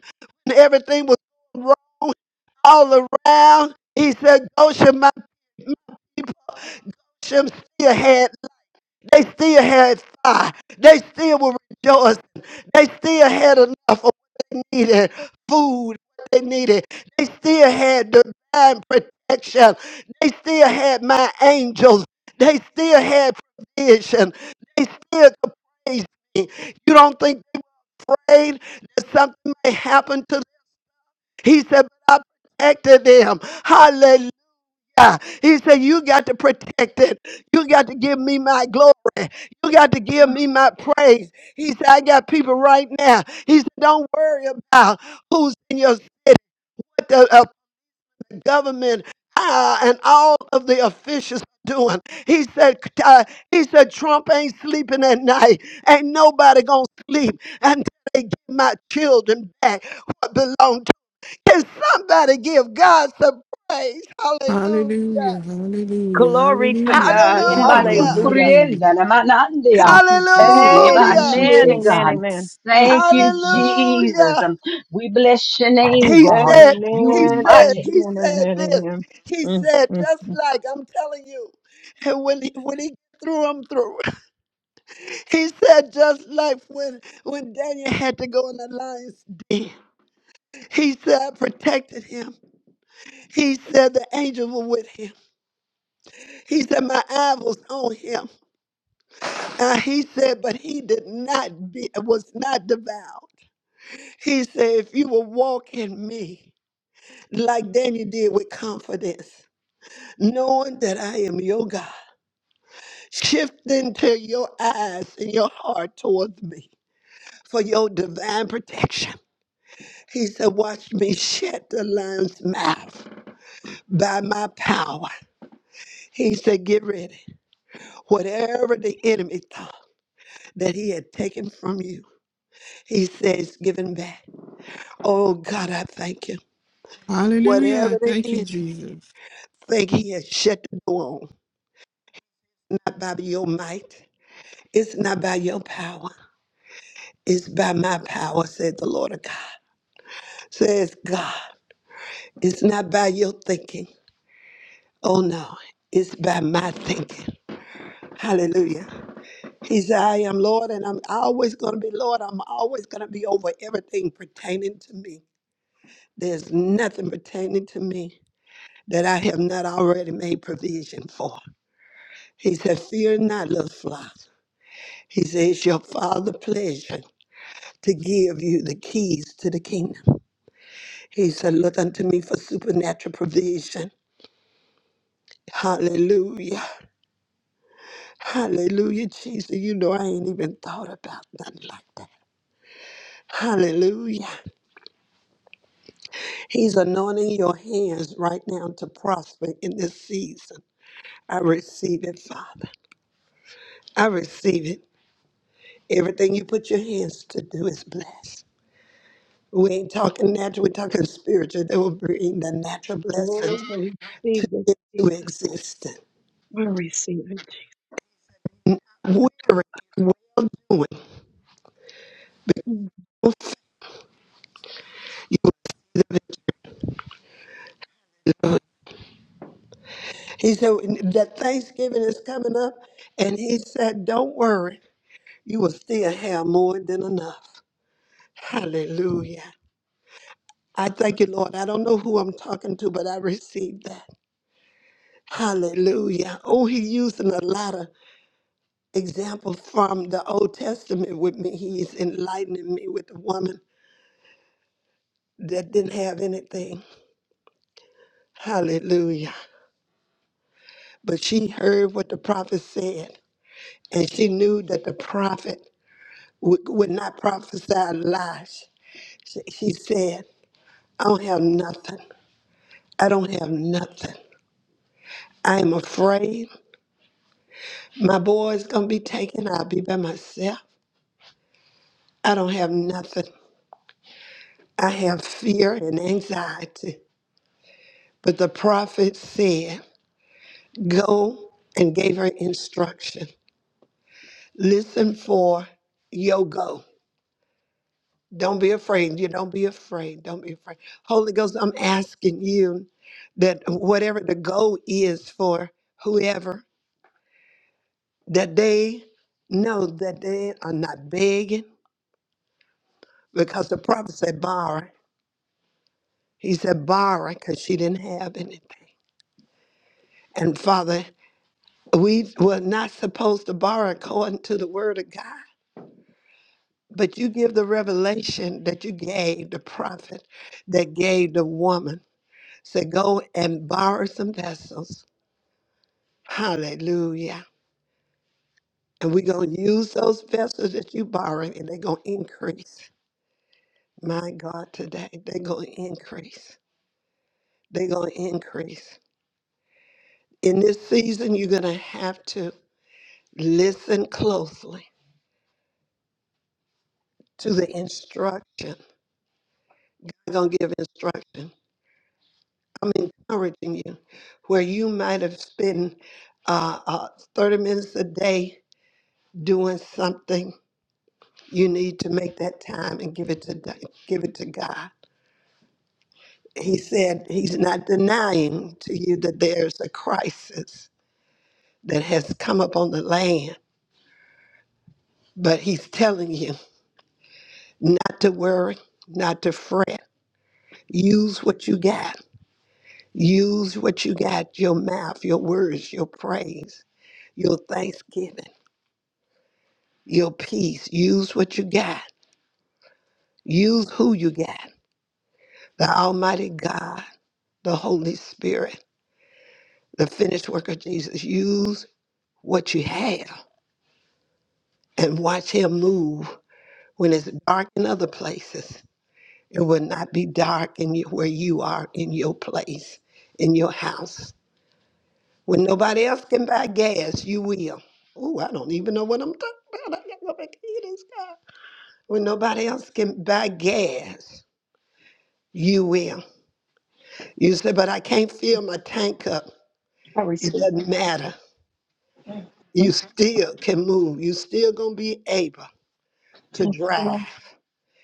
S1: when everything was wrong all around? He said, Goshen, my, my people Goshen still had they still had fire. They still were rejoicing. They still had enough of what they needed, food what they needed. They still had divine protection. They still had my angels. They still had provision. They still could praise me. You don't think prayed that something may happen to them? He said, but I protected them. Hallelujah. He said, you got to protect it. You got to give me my glory. You got to give me my praise. He said, I got people right now. He said, don't worry about who's in your what the, uh, the government uh, and all of the officials doing. He said, uh, he said, Trump ain't sleeping at night. Ain't nobody gonna sleep until they get my children back what belong to. Can somebody give God some praise?
S5: Hallelujah,
S1: Hallelujah.
S5: hallelujah,
S2: Glory to
S5: hallelujah.
S2: God.
S5: Thank
S4: Remba
S5: you, Lord.
S1: Hallelujah.
S2: Hallelujah.
S5: Hallelujah.
S4: sukurienda na manandia.
S5: Thank you, Jesus.
S4: Ureba
S5: Thank
S1: Hallelujah.
S5: you,
S2: Amen.
S4: shie,
S2: Amen.
S4: God.
S2: Amen.
S5: Jesus.
S2: Mm,
S4: Thank you,
S2: mm, mm.
S4: Jesus.
S1: Hallelujah.
S4: Um, We bless your name,
S1: He
S4: God.
S1: said,
S4: You
S1: he
S2: Amen.
S1: said,
S4: mighty.
S1: he
S2: Amen.
S1: said
S2: Amen.
S1: this.
S2: Amen.
S1: He
S2: Mm,
S1: said,
S2: mm,
S1: just
S2: mm.
S1: like I'm telling you, and when he, when he threw him through, he said, just like when when Daniel had to go in the lion's den. He said, I protected him. He said the angels were with him. He said, my eye was on him. And he said, but he did not be was not devoured. He said, if you will walk in me, like Daniel did with confidence. knowing that I am your God. Shift into your eyes and your heart towards me for your divine protection. He said, Watch me shut the lion's mouth by my power. He said, Get ready. Whatever the enemy thought that he had taken from you, he says, Given back. Oh God, I thank you.
S5: Hallelujah.
S1: Whatever the
S5: Thank you,
S1: enemy
S5: Jesus.
S1: think he has shut the door on, not by your might, it's not by your power, it's by my power, said the Lord of God. Says God, it's not by your thinking. Oh no, it's by my thinking. Hallelujah. He said, I am Lord and I'm always going to be Lord. I'm always going to be over everything pertaining to me. There's nothing pertaining to me that I have not already made provision for. He said, Fear not, little flock. He said, It's your Father pleasure to give you the keys to the kingdom. He said, Look unto me for supernatural provision. Hallelujah. Hallelujah, Jesus. You know, I ain't even thought about nothing like that. Hallelujah. He's anointing your hands right now to prosper in this season. I receive it, Father. I receive it. Everything you put your hands to do is blessed. We ain't talking natural, we're talking spiritual. They will bring the natural blessings
S2: Oh, I
S1: to,
S2: receive it,
S1: into
S2: Jesus.
S1: existence.
S2: I receive it.
S1: Weary, well doing.
S2: Mm,
S1: He said that Thanksgiving is coming up, and he said, Don't worry. you will still have more than enough. Hallelujah. I thank you, Lord. I don't know who I'm talking to, but I received that. Hallelujah. Oh, he using a lot of examples from the Old Testament with me. He's enlightening me with the woman that didn't have anything. Hallelujah. But she heard what the prophet said, and she knew that the prophet would, would not prophesy lies. She, she said, I don't have nothing. I don't have nothing. I am afraid my boy's gonna be taken. I'll be by myself. I don't have nothing. I have fear and anxiety. But the prophet said, Go and gave her instruction. Listen for your go. Don't be afraid. You don't be afraid. Don't be afraid. Holy Ghost, I'm asking you that whatever the goal is for whoever, that they know that they are not begging because the prophet said borrow He said, borrow because she didn't have anything. And Father, we were not supposed to borrow according to the word of God, but you give the revelation that you gave the prophet, that gave the woman. Said, go and borrow some vessels. Hallelujah. And we're going to use those vessels that you borrow, and they're going to increase. My God, today, they're going to increase. They're going to increase. In this season, you're going to have to listen closely to the instruction. I'm going to give instruction. I'm encouraging you where you might have spent uh, uh, 30 minutes a day doing something. You need to make that time and give it to give it to God. He said he's not denying to you that there's a crisis that has come upon the land, but he's telling you not to worry, not to fret. Use what you got Use what you got your mouth, your words, your praise, your thanksgiving, your peace. Use what you got. Use who you got. The Almighty God, the Holy Spirit, the finished work of Jesus. Use what you have and watch Him move when it's dark in other places. It will not be dark in you, where you are in your place, in your house. When nobody else can buy gas, you will. Ooh, I don't even know what I'm talking about. I got to go back in this car. When nobody else can buy gas, you will. You say, but I can't fill my tank up.
S2: I
S1: It
S2: receive it.
S1: doesn't matter.
S2: Mm,
S1: You
S2: mm, mm.
S1: still can move. You still gonna be able to drive.
S2: So,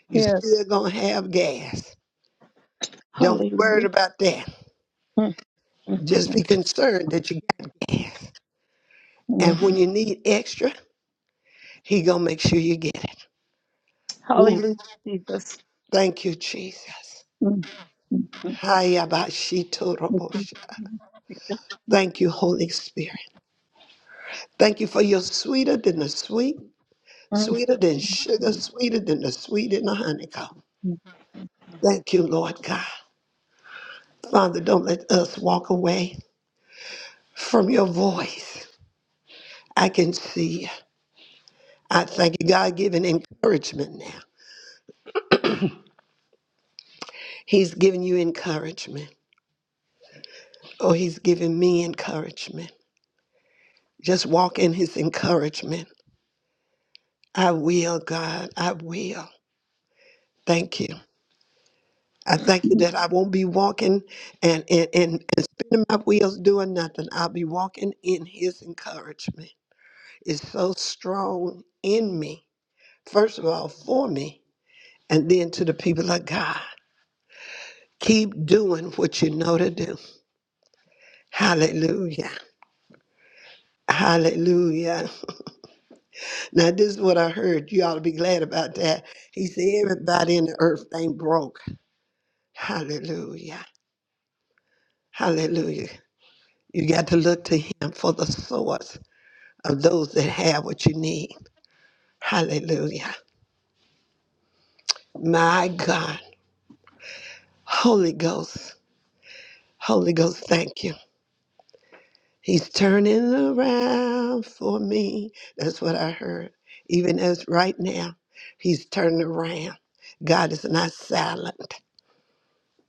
S1: You
S2: Yes.
S1: still gonna have gas. Don't be worried
S2: Hallelujah.
S1: about that.
S2: Mm, mm,
S1: Just be concerned that you got gas.
S2: mm.
S1: And when
S2: mm.
S1: you need extra, he gonna make sure you get it. Ooh,
S2: Hallelujah, Jesus.
S1: thank you, Jesus.
S2: Mm, mm, mm.
S1: Hayabashitorobosha. Thank you, Holy Spirit. Thank you for your sweeter than the sweet,
S2: Mm,
S1: sweeter than sugar,
S2: mm,
S1: sweeter than the sweet in the honeycomb.
S2: mm.
S1: Thank you, Lord God. Father, don't let us walk away from your voice. I can see. you. I thank you. God giving encouragement now. He's giving you encouragement. Oh, he's giving me encouragement. Just walk in his encouragement. I will, God. I will. Thank you. I
S2: I
S1: thank you that I won't be walking and, and, and, and spinning my wheels doing nothing. I'll be walking in his encouragement. It's so strong in me, first of all, for me, and then to the people of God. Keep doing what you know to do. Hallelujah. Hallelujah. Now, this is what I heard. You ought to be glad about that. He said, Everybody in the earth ain't broke. Hallelujah. Hallelujah. You got to look to him for the source. of those that have what you need. Hallelujah. My God. Holy Ghost. Holy Ghost, thank you. He's turning around for me. That's what I heard. Even as right now, he's turning around. God is not silent.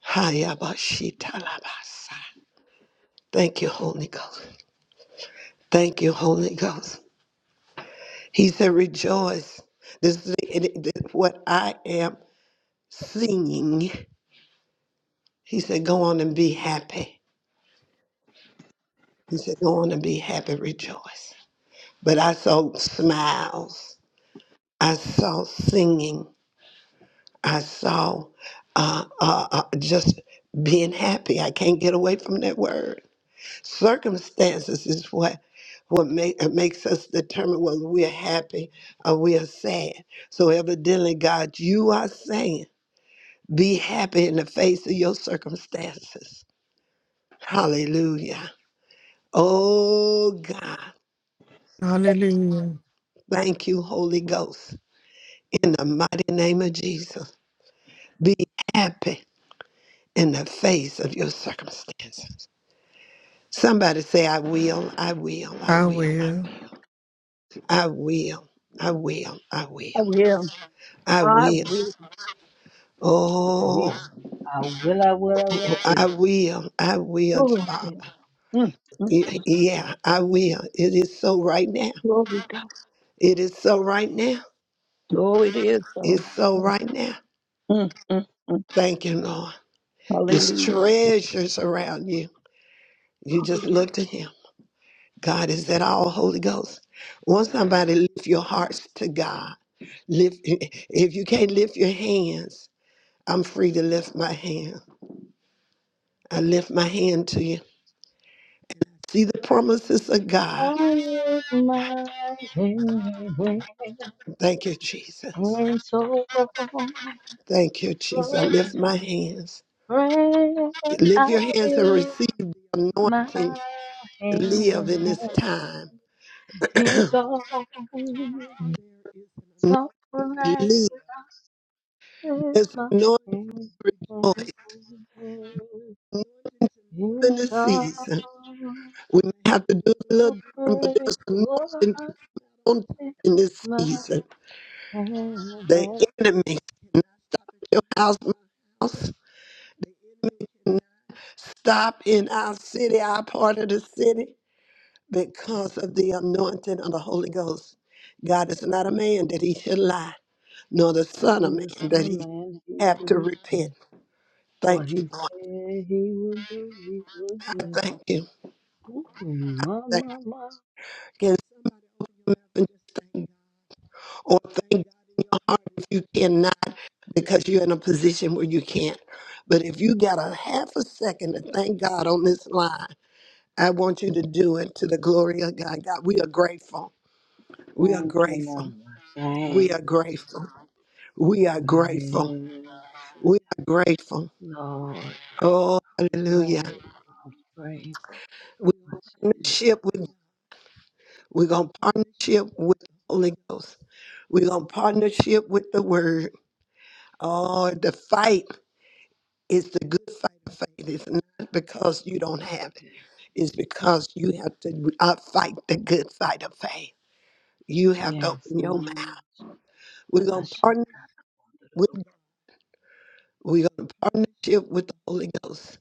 S1: Hayabashitalabasa. Thank you, Holy Ghost. Thank you, Holy Ghost. He said, Rejoice. This is it- it- what I am seeing. He said, Go on and be happy. He said, Go on and be happy, rejoice. But I saw smiles, I saw singing, I saw uh, uh, uh, just being happy. I can't get away from that word. Circumstances is what what make, it makes us determine whether we're happy or we are sad. So evidently, God, you are saying, be happy in the face of your circumstances. Hallelujah. Oh God,
S5: Hallelujah.
S1: thank you, Holy Ghost. in the mighty name of Jesus. Be happy in the face of your circumstances. Somebody say, I will, I will, I
S5: I
S1: will, I
S5: will.
S1: will, I will, I will, I will,
S2: will.
S1: I
S2: I
S1: will.
S2: will.
S4: Will.
S1: Oh,
S4: I will, I will, I will, I
S1: I will, I will,
S2: Oh, I will.
S1: Father.
S2: Mm, mm,
S1: Y- Yeah, I will. It is so right now.
S2: glory God.
S1: It is so right now.
S2: So it is so.
S1: It's so right now.
S2: Mm, mm, mm.
S1: Thank you, Lord. It's
S2: Hallelujah.
S1: treasures around you. You just
S2: Hallelujah.
S1: look to Him. God, is that all Holy Ghost? Want somebody to lift your hearts to God. Lift if you can't lift your hands, I'm free to lift my hand. I lift my hand to you. See the promises of God.
S4: will.
S1: Thank you, Jesus.
S4: Hands off
S1: Thank you, Jesus. I lift my hands. Lift your hands and receive the
S4: my
S1: anointing to live
S4: hands,
S1: in this time.
S4: hands off, hands
S1: Live. There's no joy Live in this
S4: off
S1: season. We may have to do it a little different, but there's anointing on in this
S4: my
S1: season.
S4: hands.
S1: The
S4: My
S1: enemy, not your house, my house, cannot stop in our city, our part of the city, because of the anointing of the Holy Ghost. God is not a man that he should lie, nor the son of
S4: hands,
S1: man that he
S4: my
S1: have to
S4: hands,
S1: repent.
S4: What
S1: Thank
S4: he
S1: you, Lord.
S4: said he would do, he would
S1: I
S4: do.
S1: thank you.
S4: Ooh, my,
S1: Thank
S4: my, my.
S1: you. or thank God in your heart if you cannot because you're in a position where you can't. But if you got a half a second to thank God on this line, I want you to do it to the glory of God. God, we are grateful. We are
S4: Thank you,
S1: grateful.
S4: Lord.
S1: We
S4: Thank
S1: are
S4: you, Jesus.
S1: grateful. We are grateful.
S4: Hallelujah.
S1: We are grateful.
S4: Lord,
S1: Oh, hallelujah.
S4: great. I'm grateful.
S1: We
S4: I
S1: partnership with we're gonna partnership with the Holy Ghost. We're gonna partnership with the word. Oh, the fight. It's the good fight of faith. It's not because you don't have it. It's because you have to uh, fight the good fight of faith. You have to
S4: Yes.
S1: open
S4: my,
S1: your
S4: my, my, my,
S1: mouth.
S4: my,
S1: We're
S4: my,
S1: gonna partner with we're gonna partnership with the Holy Ghost.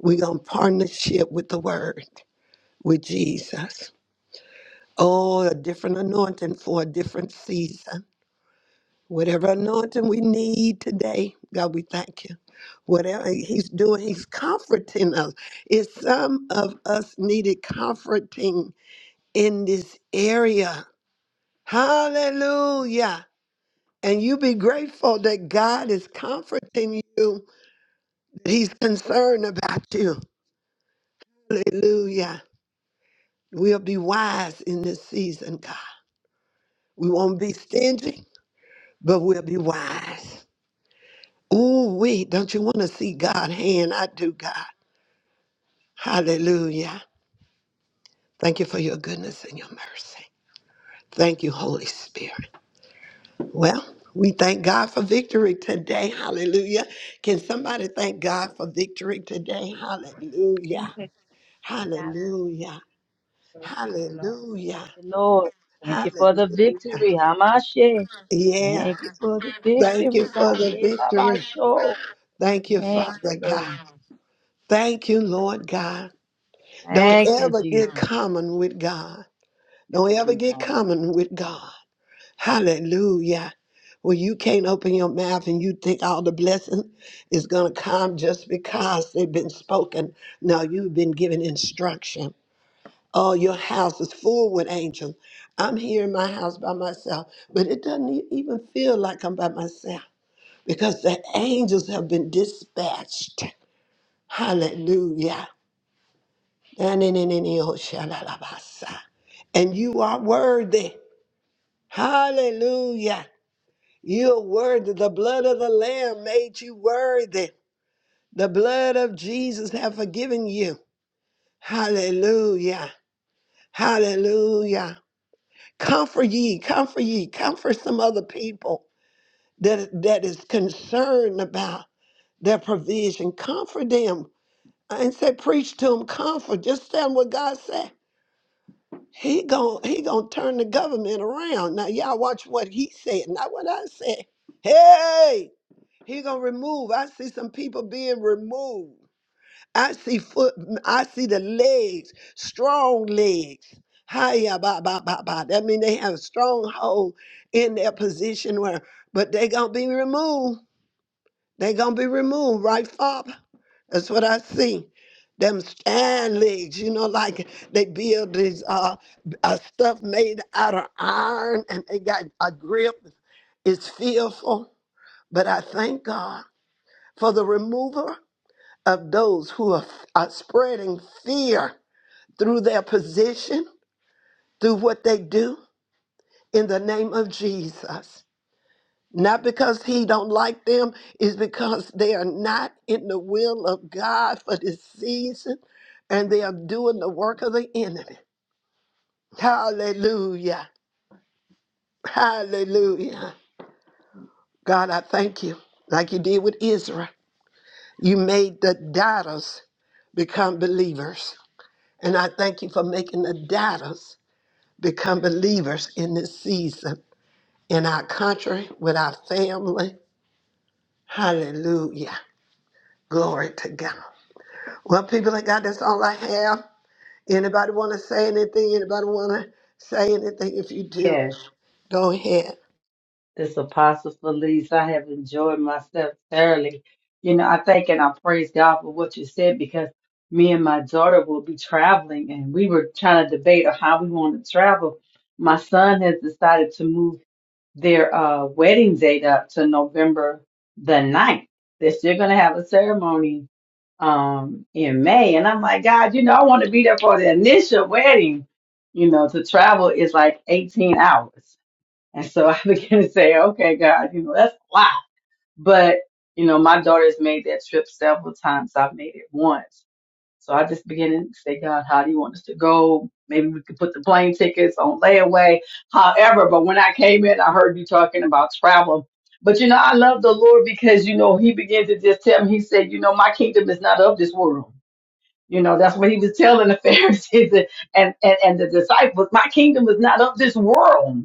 S1: We're gonna partnership with the Word, with Jesus. Oh, a different anointing for a different season. Whatever anointing we need today, God, we thank you. Whatever He's doing, He's comforting us. If some of us needed comforting in this area, hallelujah. And you be grateful that God is comforting you, that He's concerned about you. Hallelujah. We'll be wise in this season, God. We won't be stingy, but we'll be wise. Ooh, we don't you want to see God's hand? I do, God. Hallelujah. Thank you for your goodness and your mercy. Thank you, Holy Spirit. Well, we thank God for victory today. Hallelujah. Can somebody thank God for victory today? Hallelujah.
S6: Thank
S1: Hallelujah. Hallelujah.
S4: Lord. thank you for the
S1: Hallelujah.
S4: victory. Hamashe.
S1: Yeah.
S4: Thank you for the
S1: Thank you
S4: victory, God.
S1: for the
S4: Yeah,
S1: victory.
S4: Labasho.
S1: Thank you,
S4: Thank
S1: Father
S4: you,
S1: God.
S4: Lord.
S1: Thank you, Lord God. Don't
S4: Thank you,
S1: ever get
S4: Jesus.
S1: common with God. Don't
S7: Hey,
S1: ever
S7: please,
S1: get
S7: um,
S1: common with God. Hallelujah. Well, you can't open your mouth and you think all the blessing is going to come just because they've been spoken. No, you've been given instruction. Oh, your house is full with angels. I'm here in my house by myself, but it doesn't e- even feel like I'm by myself because the angels have been dispatched. Hallelujah. And you are worthy. Hallelujah. You are worthy. The blood of the Lamb made you worthy. The blood of Jesus have forgiven you. Hallelujah. Hallelujah. Comfort ye, comfort ye, comfort some other people that, that is concerned about their provision. Comfort them. I did say preach to them, comfort. Just tell them what God said. He gon' he gonna turn the government around. Now y'all watch what he said, not what I said. Hey! He gonna remove. I see some people being removed. I see foot. I see the legs, strong legs. Hiya, ba ba ba ba. That mean they have a stronghold in their position where, but they gonna be removed. They gonna be removed, right, Father? That's what I see. Them stand legs, you know, like they build these uh, uh stuff made out of iron, and they got a grip. It's fearful, but I thank God for the remover of those who are, are spreading fear through their position, through what they do in the name of Jesus. Not because he don't like them, is because they are not in the will of God for this season and they are doing the work of the enemy. Hallelujah. Hallelujah. God, I thank you. Like you did with Israel. You made the doubters become believers. And I thank you for making the doubters become believers in this season, in our country, with our family. Hallelujah. Glory to God. Well, people of God, that's all I have. Anybody want to say anything? Anybody want to say anything? If you do,
S4: Yes.
S1: go ahead.
S4: This Apostle Felice, I have enjoyed myself thoroughly. You know, I thank and I praise God for what you said because me and my daughter will be traveling and we were trying to debate on how we want to travel. My son has decided to move their uh, wedding date up to November the ninth. They're still going to have a ceremony um, in May. And I'm like, God, you know, I want to be there for the initial wedding. You know, to travel is like 18 hours. And so I began to say, okay, God, you know, that's a lot. But, you know, my daughter's made that trip several times. I've made it once. So I just began to say, God, how do you want us to go? Maybe we could put the plane tickets on layaway. However, but when I came in, I heard you talking about travel. But you know, I love the Lord because, you know, he began to just tell me, he said, you know, my kingdom is not of this world. You know, that's what he was telling the Pharisees and, and, and the disciples. My kingdom is not of this world.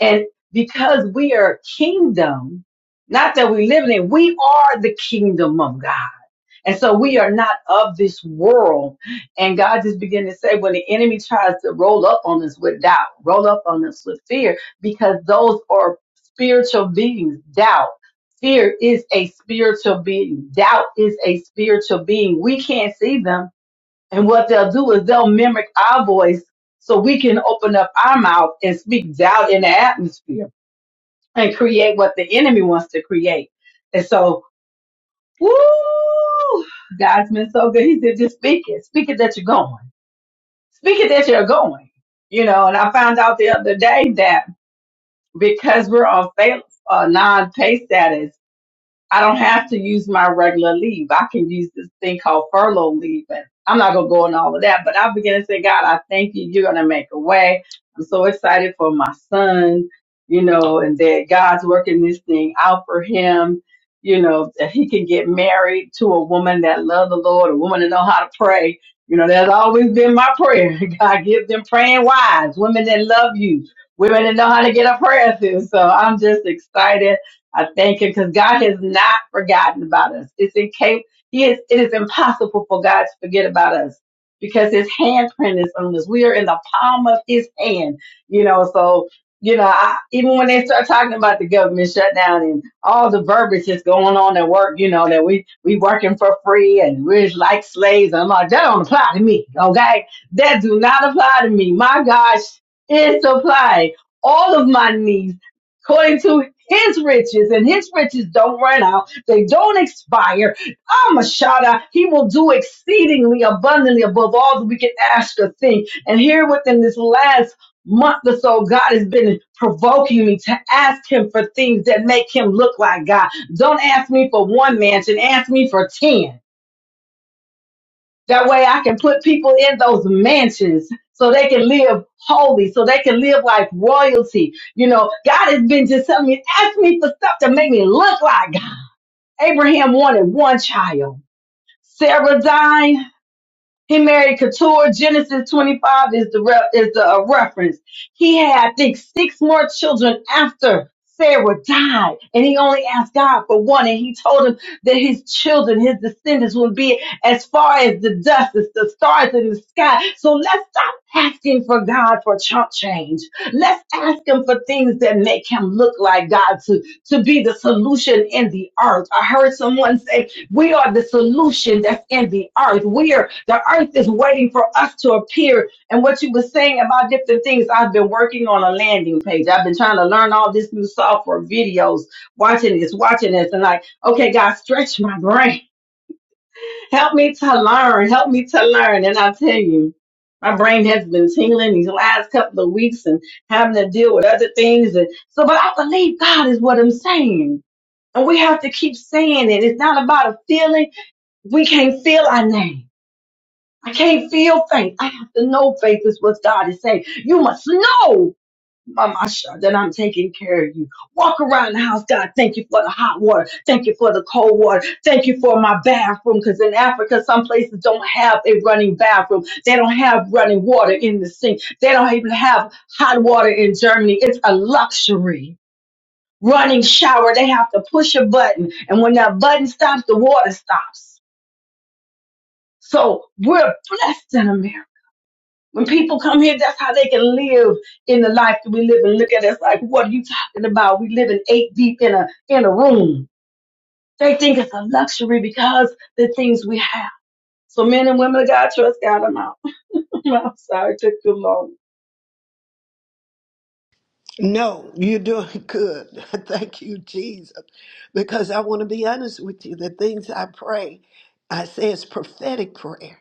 S4: And because we are kingdom, not that we live in it, we are the kingdom of God. And so we are not of this world. And God just began to say, when the enemy tries to roll up on us with doubt, roll up on us with fear, because those are spiritual beings, doubt. Fear is a spiritual being. Doubt is a spiritual being. We can't see them and what they'll do is they'll mimic our voice so we can open up our mouth and speak doubt in the atmosphere and create what the enemy wants to create. And so, woo, God's been so good. He said, just speak it. Speak it that you're going. Speak it that you're going. You know, and I found out the other day that because we're on fail, uh, non-pay status, I don't have to use my regular leave. I can use this thing called furlough leave. And I'm not going to go into all of that, but I begin to say, God, I thank you. You're going to make a way. I'm so excited for my son, you know, and that God's working this thing out for him, you know, that he can get married to a woman that loves the Lord, a woman that know how to pray. You know, that's always been my prayer. God, give them praying wives, women that love you, women that know how to get a prayer through. So I'm just excited I thank Him because God has not forgotten about us. It's incapable. He is, it is impossible for God to forget about us because his handprint is on us. We are in the palm of his hand, you know, so, you know, I, even when they start talking about the government shutdown and all the verbiage that's going on at work, you know, that we, we working for free and we're like slaves. I'm like, that don't apply to me. Okay. That do not apply to me. My gosh, it's applied all of my needs according to his riches, and his riches don't run out, they don't expire. I'm a shada. He will do exceedingly abundantly above all that we can ask or think. And here within this last month or so, God has been provoking me to ask him for things that make him look like God. Don't ask me for one mansion, ask me for 10. That way I can put people in those mansions so they can live holy, so they can live like royalty. You know, God has been just telling me, ask me for stuff to make me look like God. Abraham wanted one child. Sarah died. He married Keturah. Genesis 25 is the re- is the uh, reference. He had, I think, six more children after Sarah died, and he only asked God for one, and he told him that his children, his descendants, would be as far as the dust, as the stars in the sky. So let's stop asking for God for chump change. Let's ask Him for things that make Him look like God to to be the solution in the earth. I heard someone say we are the solution that's in the earth. We are the earth is waiting for us to appear. And what you were saying about different things, I've been working on a landing page. I've been trying to learn all this new software, videos, watching this, watching this, and like, okay, God, stretch my brain. Help me to learn. Help me to learn. And I tell you, my brain has been tingling these last couple of weeks and having to deal with other things. And so, but I believe God is what I'm saying. And we have to keep saying it. It's not about a feeling we can't feel our name. I can't feel faith. I have to know faith is what God is saying. You must know, Mama Sha, that I'm taking care of you. Walk around the house, God. Thank you for the hot water. Thank you for the cold water. Thank you for my bathroom. Because in Africa, some places don't have a running bathroom. They don't have running water in the sink. They don't even have hot water in Germany. It's a luxury. Running shower, they have to push a button. And when that button stops, the water stops. So we're blessed in America. When people come here, that's how they can live in the life that we live and look at us like, what are you talking about? We live in eight deep in a in a room. They think it's a luxury because the things we have. So men and women of God trust God I'm out. I'm sorry, it took too long.
S1: No, you're doing good. Thank you, Jesus. Because I want to be honest with you. The things I pray, I say it's prophetic prayer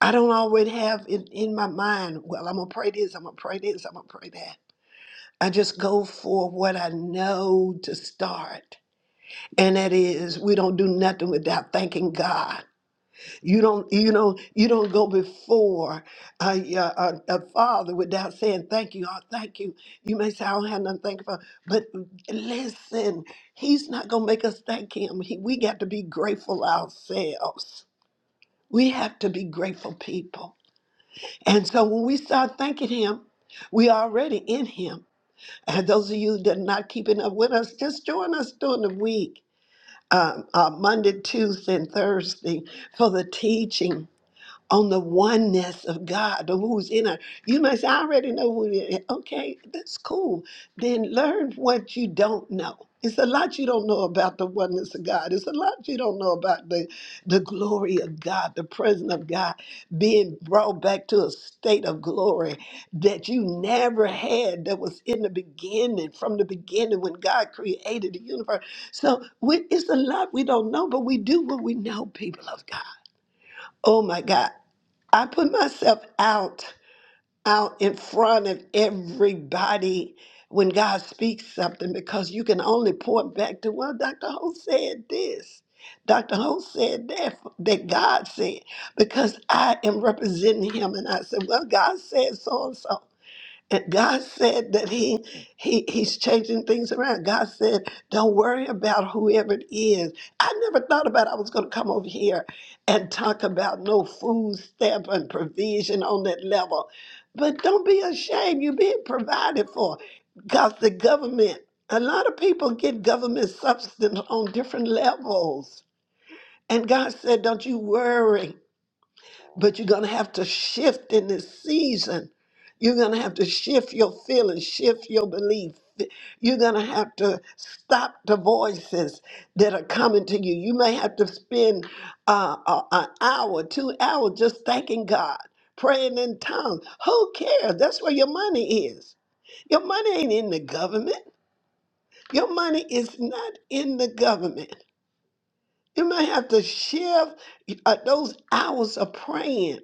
S1: I don't always have in, in my mind, well, I'm going to pray this, I'm going to pray this, I'm going to pray that. I just go for what I know to start. And that is, we don't do nothing without thanking God. You don't, you don't, you don't go before uh, your- uh, a, father without saying thank you. Oh, thank you. You may say I don't have nothing to thank you for, but listen, He's not gonna make us thank Him. He, we got to be grateful ourselves. We have to be grateful people. And so when we start thanking Him, we are already in Him. And those of you that are not keeping up with us, just join us during the week, um, uh, Monday, Tuesday, and Thursday for the teaching on the oneness of God, of who's in her. You must already know who it is. Okay, that's cool. Then learn what you don't know. It's a lot you don't know about the oneness of God. It's a lot you don't know about the, the glory of God, the presence of God being brought back to a state of glory that you never had that was in the beginning, from the beginning when God created the universe. So we, it's a lot we don't know, but we do what we know, people of God. Oh my God. I put myself out, out in front of everybody when God speaks something because you can only point back to, well, Dr. Holt said this. Dr. Holt said that, that God said, because I am representing him. And I said, well, God said so and so. And God said that He He He's changing things around. God said, "Don't worry about whoever it is." I never thought about I was going to come over here and talk about no food stamp and provision on that level. But don't be ashamed. You're being provided for, because the government. A lot of people get government substance on different levels. And God said, "Don't you worry." But you're going to have to shift in this season. You're going to have to shift your feelings, shift your belief. You're going to have to stop the voices that are coming to you. You may have to spend uh, a- an hour, two hours just thanking God, praying in tongues. Who cares? That's where your money is. Your money ain't in the government. Your money is not in the government. You may have to shift uh, those hours of praying.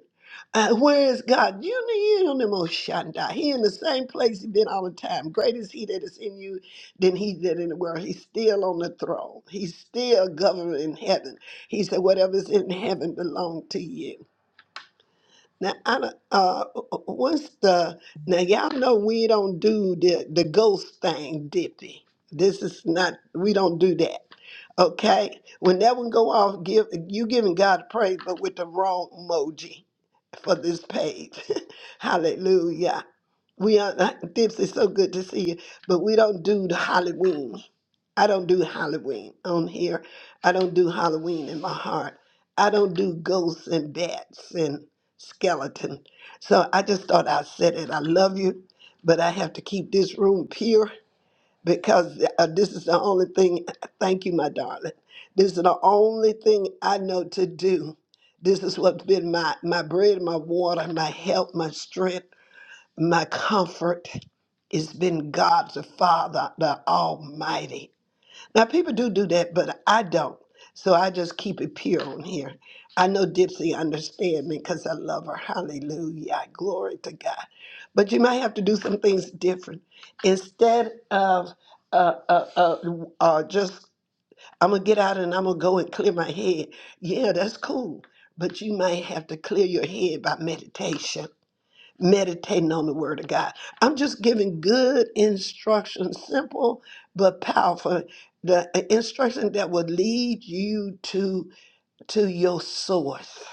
S1: Uh, where is God? You need him the most Shaddai. He in the same place he been all the time. Great is he that is in you than he that in the world. He's still on the throne. He's still governing heaven. He said, whatever's in heaven belong to you. Now, I don't, uh, what's the now? Y'all know we don't do the the ghost thing, Dippy. This is not we don't do that. Okay, when that one go off, give you giving God praise, but with the wrong emoji for this page. Hallelujah. We are not, Dips, it's so good to see you, but we don't do the Halloween. I don't do Halloween on here. I don't do Halloween in my heart. I don't do ghosts and bats and skeleton. So I just thought I said it. I love you, but I have to keep this room pure because uh, this is the only thing. Thank you, my darling. This is the only thing I know to do. This is what's been my, my bread, my water, my help, my strength, my comfort it's been God the Father, the Almighty. Now, people do do that, but I don't. So I just keep it pure on here. I know Dipsy understand me because I love her. Hallelujah. Glory to God. But you might have to do some things different. Instead of uh, uh, uh, uh, just, I'm going to get out and I'm going to go and clear my head. Yeah, that's cool. But you might have to clear your head by meditation meditating on the word of God. I'm just giving good instruction, simple but powerful. The uh, instruction that will lead you to to your source.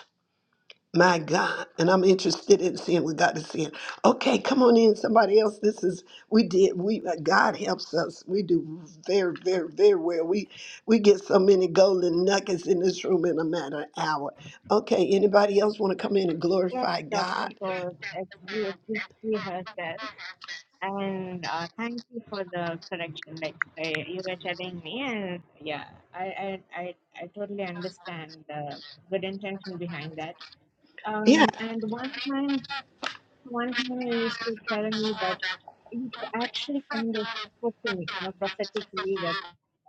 S1: My God. And I'm interested in seeing what God is saying. Okay, come on in, somebody else. This is we did we uh, God helps us. We do very, very, very well. We we get so many golden nuggets in this room in a matter of hour. Okay, anybody else want to come in and
S6: Yes,
S1: glorify
S6: Dr.
S1: God?
S6: Cole, it's good to And uh, thank you for the correction. Like uh, you were telling me, and yeah, I I I, I totally understand the good intention behind that.
S1: Yeah.
S6: Um, and one time, one time you used to tell me that you actually kind of spoke to me, you know, prophetically that.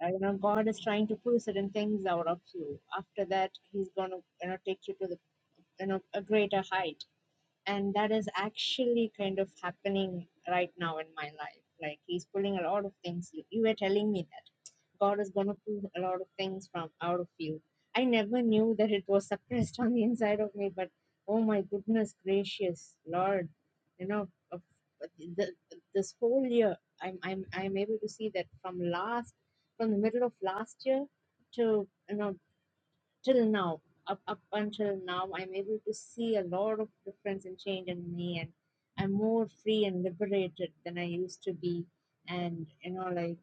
S6: Uh, you know, God is trying to pull certain things out of you. After that, He's gonna, you know, take you to the, you know, a greater height and that is actually kind of happening right now in my life like he's pulling a lot of things you, were telling me that god is going to pull a lot of things from out of you i never knew that it was suppressed on the inside of me but oh my goodness gracious lord you know of- the, this whole year I'm, I'm i'm able to see that from last from the middle of last year to you know till now up, up until now i'm able to see a lot of difference and change in me and i'm more free and liberated than i used to be and you know like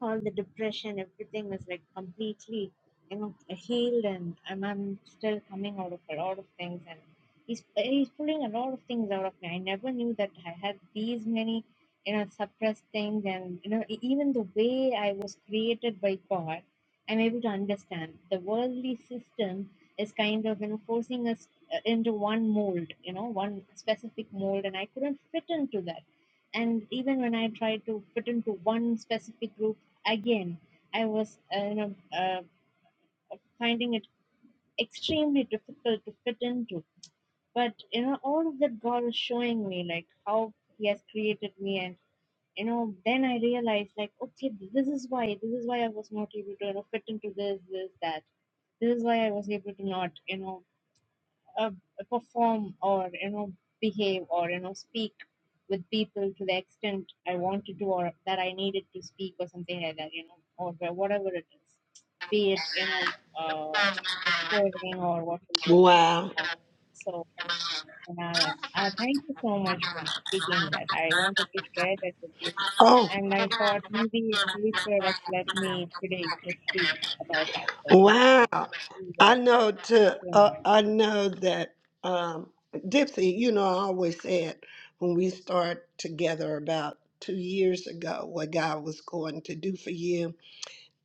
S6: all the depression, everything was like completely you know, healed, and I'm, I'm still coming out of a lot of things. And he's he's pulling a lot of things out of me. I never knew that I had these many, you know, suppressed things, and you know, e- even the way I was created by God, I'm able to understand the worldly system is kind of you know forcing us uh, into one mold, you know, one specific mold, and I couldn't fit into that and even when i tried to fit into one specific group Again, I was uh, you know, uh, finding it extremely difficult to fit into. But you know, all of that God was showing me like how He has created me, and you know, then I realized like, okay, this is why, this is why I was not able to you know fit into this, this, that. This is why I was able to not, you know uh, perform or you know behave or you know speak with people to the extent I want to do or that I needed to speak or something like that, you know, or whatever it is, be it you know uh, recording or whatever.
S1: Wow.
S6: Uh, so and, uh, uh, thank you so much for speaking that. I wanted to share that with you,
S1: Oh,
S6: and I thought maybe we could have let me today to speak about that. So this is what
S1: wow.
S6: we
S1: I
S6: were
S1: know to
S6: going
S1: uh,
S6: on.
S1: I know that um Dipsy, you know, I always said when we started together about two years ago what God was going to do for you.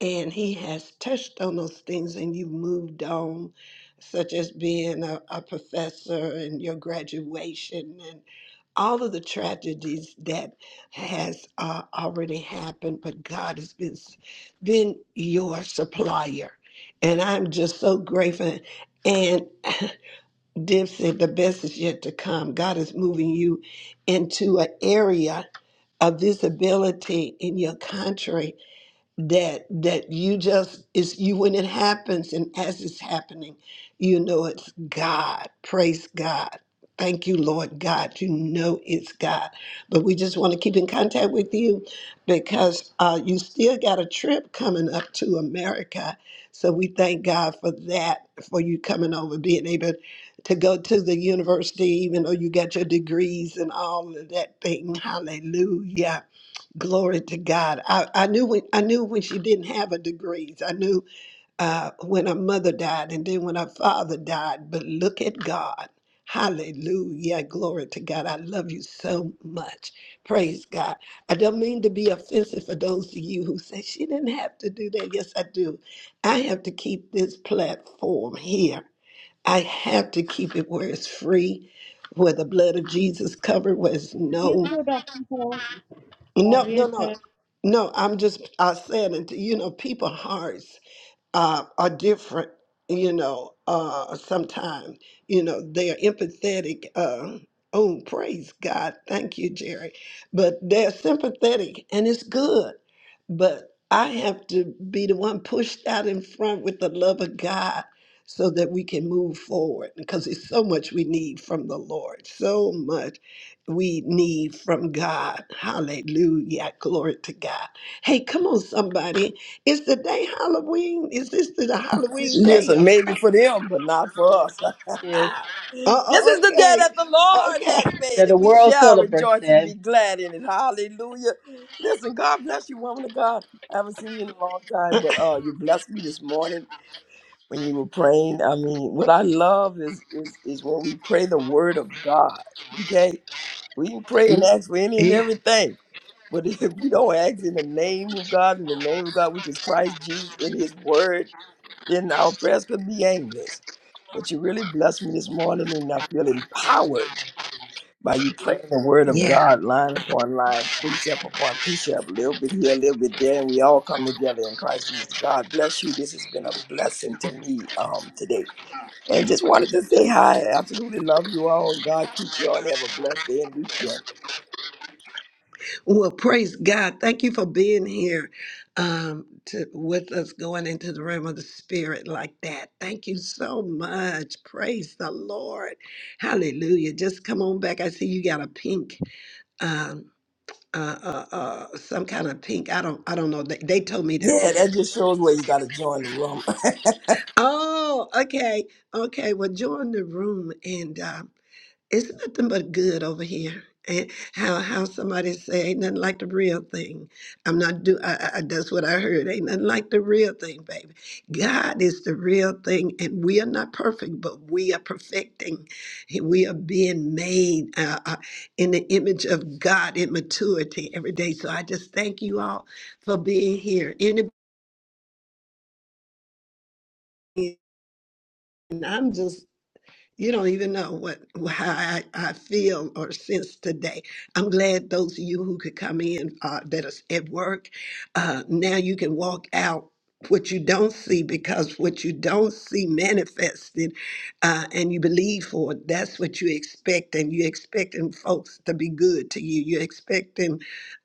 S1: And he has touched on those things and you've moved on, such as being a, a professor and your graduation all of the tragedies that has uh, already happened, but God has been been your supplier, and I'm just so grateful. And Div said the best is yet to come. God is moving you into an area of visibility in your country that that you just is you when it happens and as it's happening you know it's god praise god thank you lord god you know it's god but we just want to keep in contact with you because uh, you still got a trip coming up to america so we thank god for that for you coming over being able to go to the university even though you got your degrees and all of that thing hallelujah Glory to God. I, I knew when I knew when she didn't have her degrees. I knew uh, when her mother died and then when her father died. But look at God. Hallelujah. Glory to God. I love you so much. Praise God. I don't mean to be offensive for those of you who say she didn't have to do that. Yes, I do. I have to keep this platform here. I have to keep it where it's free, where the blood of Jesus covered, where it's
S6: You
S1: known.
S6: too, Doctor.
S1: No,
S6: Love you
S1: no, no,
S6: too.
S1: no. I'm just I said it. You know, people hearts uh, are different, you know, uh, sometimes, you know, they are empathetic. Uh, oh, praise God. Thank you, Jerry. But they're sympathetic and it's good. But I have to be the one pushed out in front with the love of God so that we can move forward because it's so much we need from the Lord, so much we need from God. Hallelujah. Glory to God. Hey, come on, somebody. Is the day Halloween? Is this the Halloween day
S8: Listen,
S1: or
S8: maybe
S1: something?
S8: for them, but not for us.
S4: Yes.
S1: Uh,
S8: this
S1: uh,
S8: is the day
S1: okay.
S8: that the Lord
S1: Okay.
S8: has made,
S4: Yeah, the
S8: and we
S4: world
S8: shall
S4: celebrates
S8: rejoice and
S4: that.
S8: be glad in it. Hallelujah. Listen, God bless you, woman of God. I haven't seen you in a long time, but uh, you blessed me this morning when you were praying. I mean, what I love is is is when we pray the word of God. Okay, we can pray and ask for any and
S1: Yeah.
S8: everything. But if we don't ask in the name of God, in the name of God, which is Christ Jesus, in His Word, then our prayers could be aimless. But you really blessed me this morning, and I feel empowered by you praying the word of
S1: Yeah.
S8: God line upon line, precept upon precept, a little bit here, a little bit there, and we all come together in Christ Jesus. God bless you. This has been a blessing to me um, today. And just wanted to say hi. I absolutely love you all. God keep you all and have a blessed day and weekend.
S1: Well, praise God. Thank you for being here um, to, with us going into the realm of the spirit like that. Thank you so much. Praise the Lord. Hallelujah. Just come on back. I see you got a pink. Um, uh, uh, uh, some kind of pink. I don't. I don't know. They, they told me that's
S8: Yeah, that
S1: it.
S8: just shows where you got to join the room.
S1: Oh, okay. Okay. Well, join the room and um, it's nothing but good over here. And how how somebody say ain't nothing like the real thing. I'm not do I, I I- that's what I heard. Ain't nothing like the real thing, baby. God is the real thing and we are not perfect, but we are perfecting. We are being made uh, uh, in the image of God in maturity every day. So I just thank you all for being here. Anybody and I'm just You don't even know what how I, I feel or sense today. I'm glad those of you who could come in uh, that is at work, uh, now you can walk out what you don't see because what you don't see manifested uh, and you believe for it, that's what you expect and you're expecting folks to be good to you you're expecting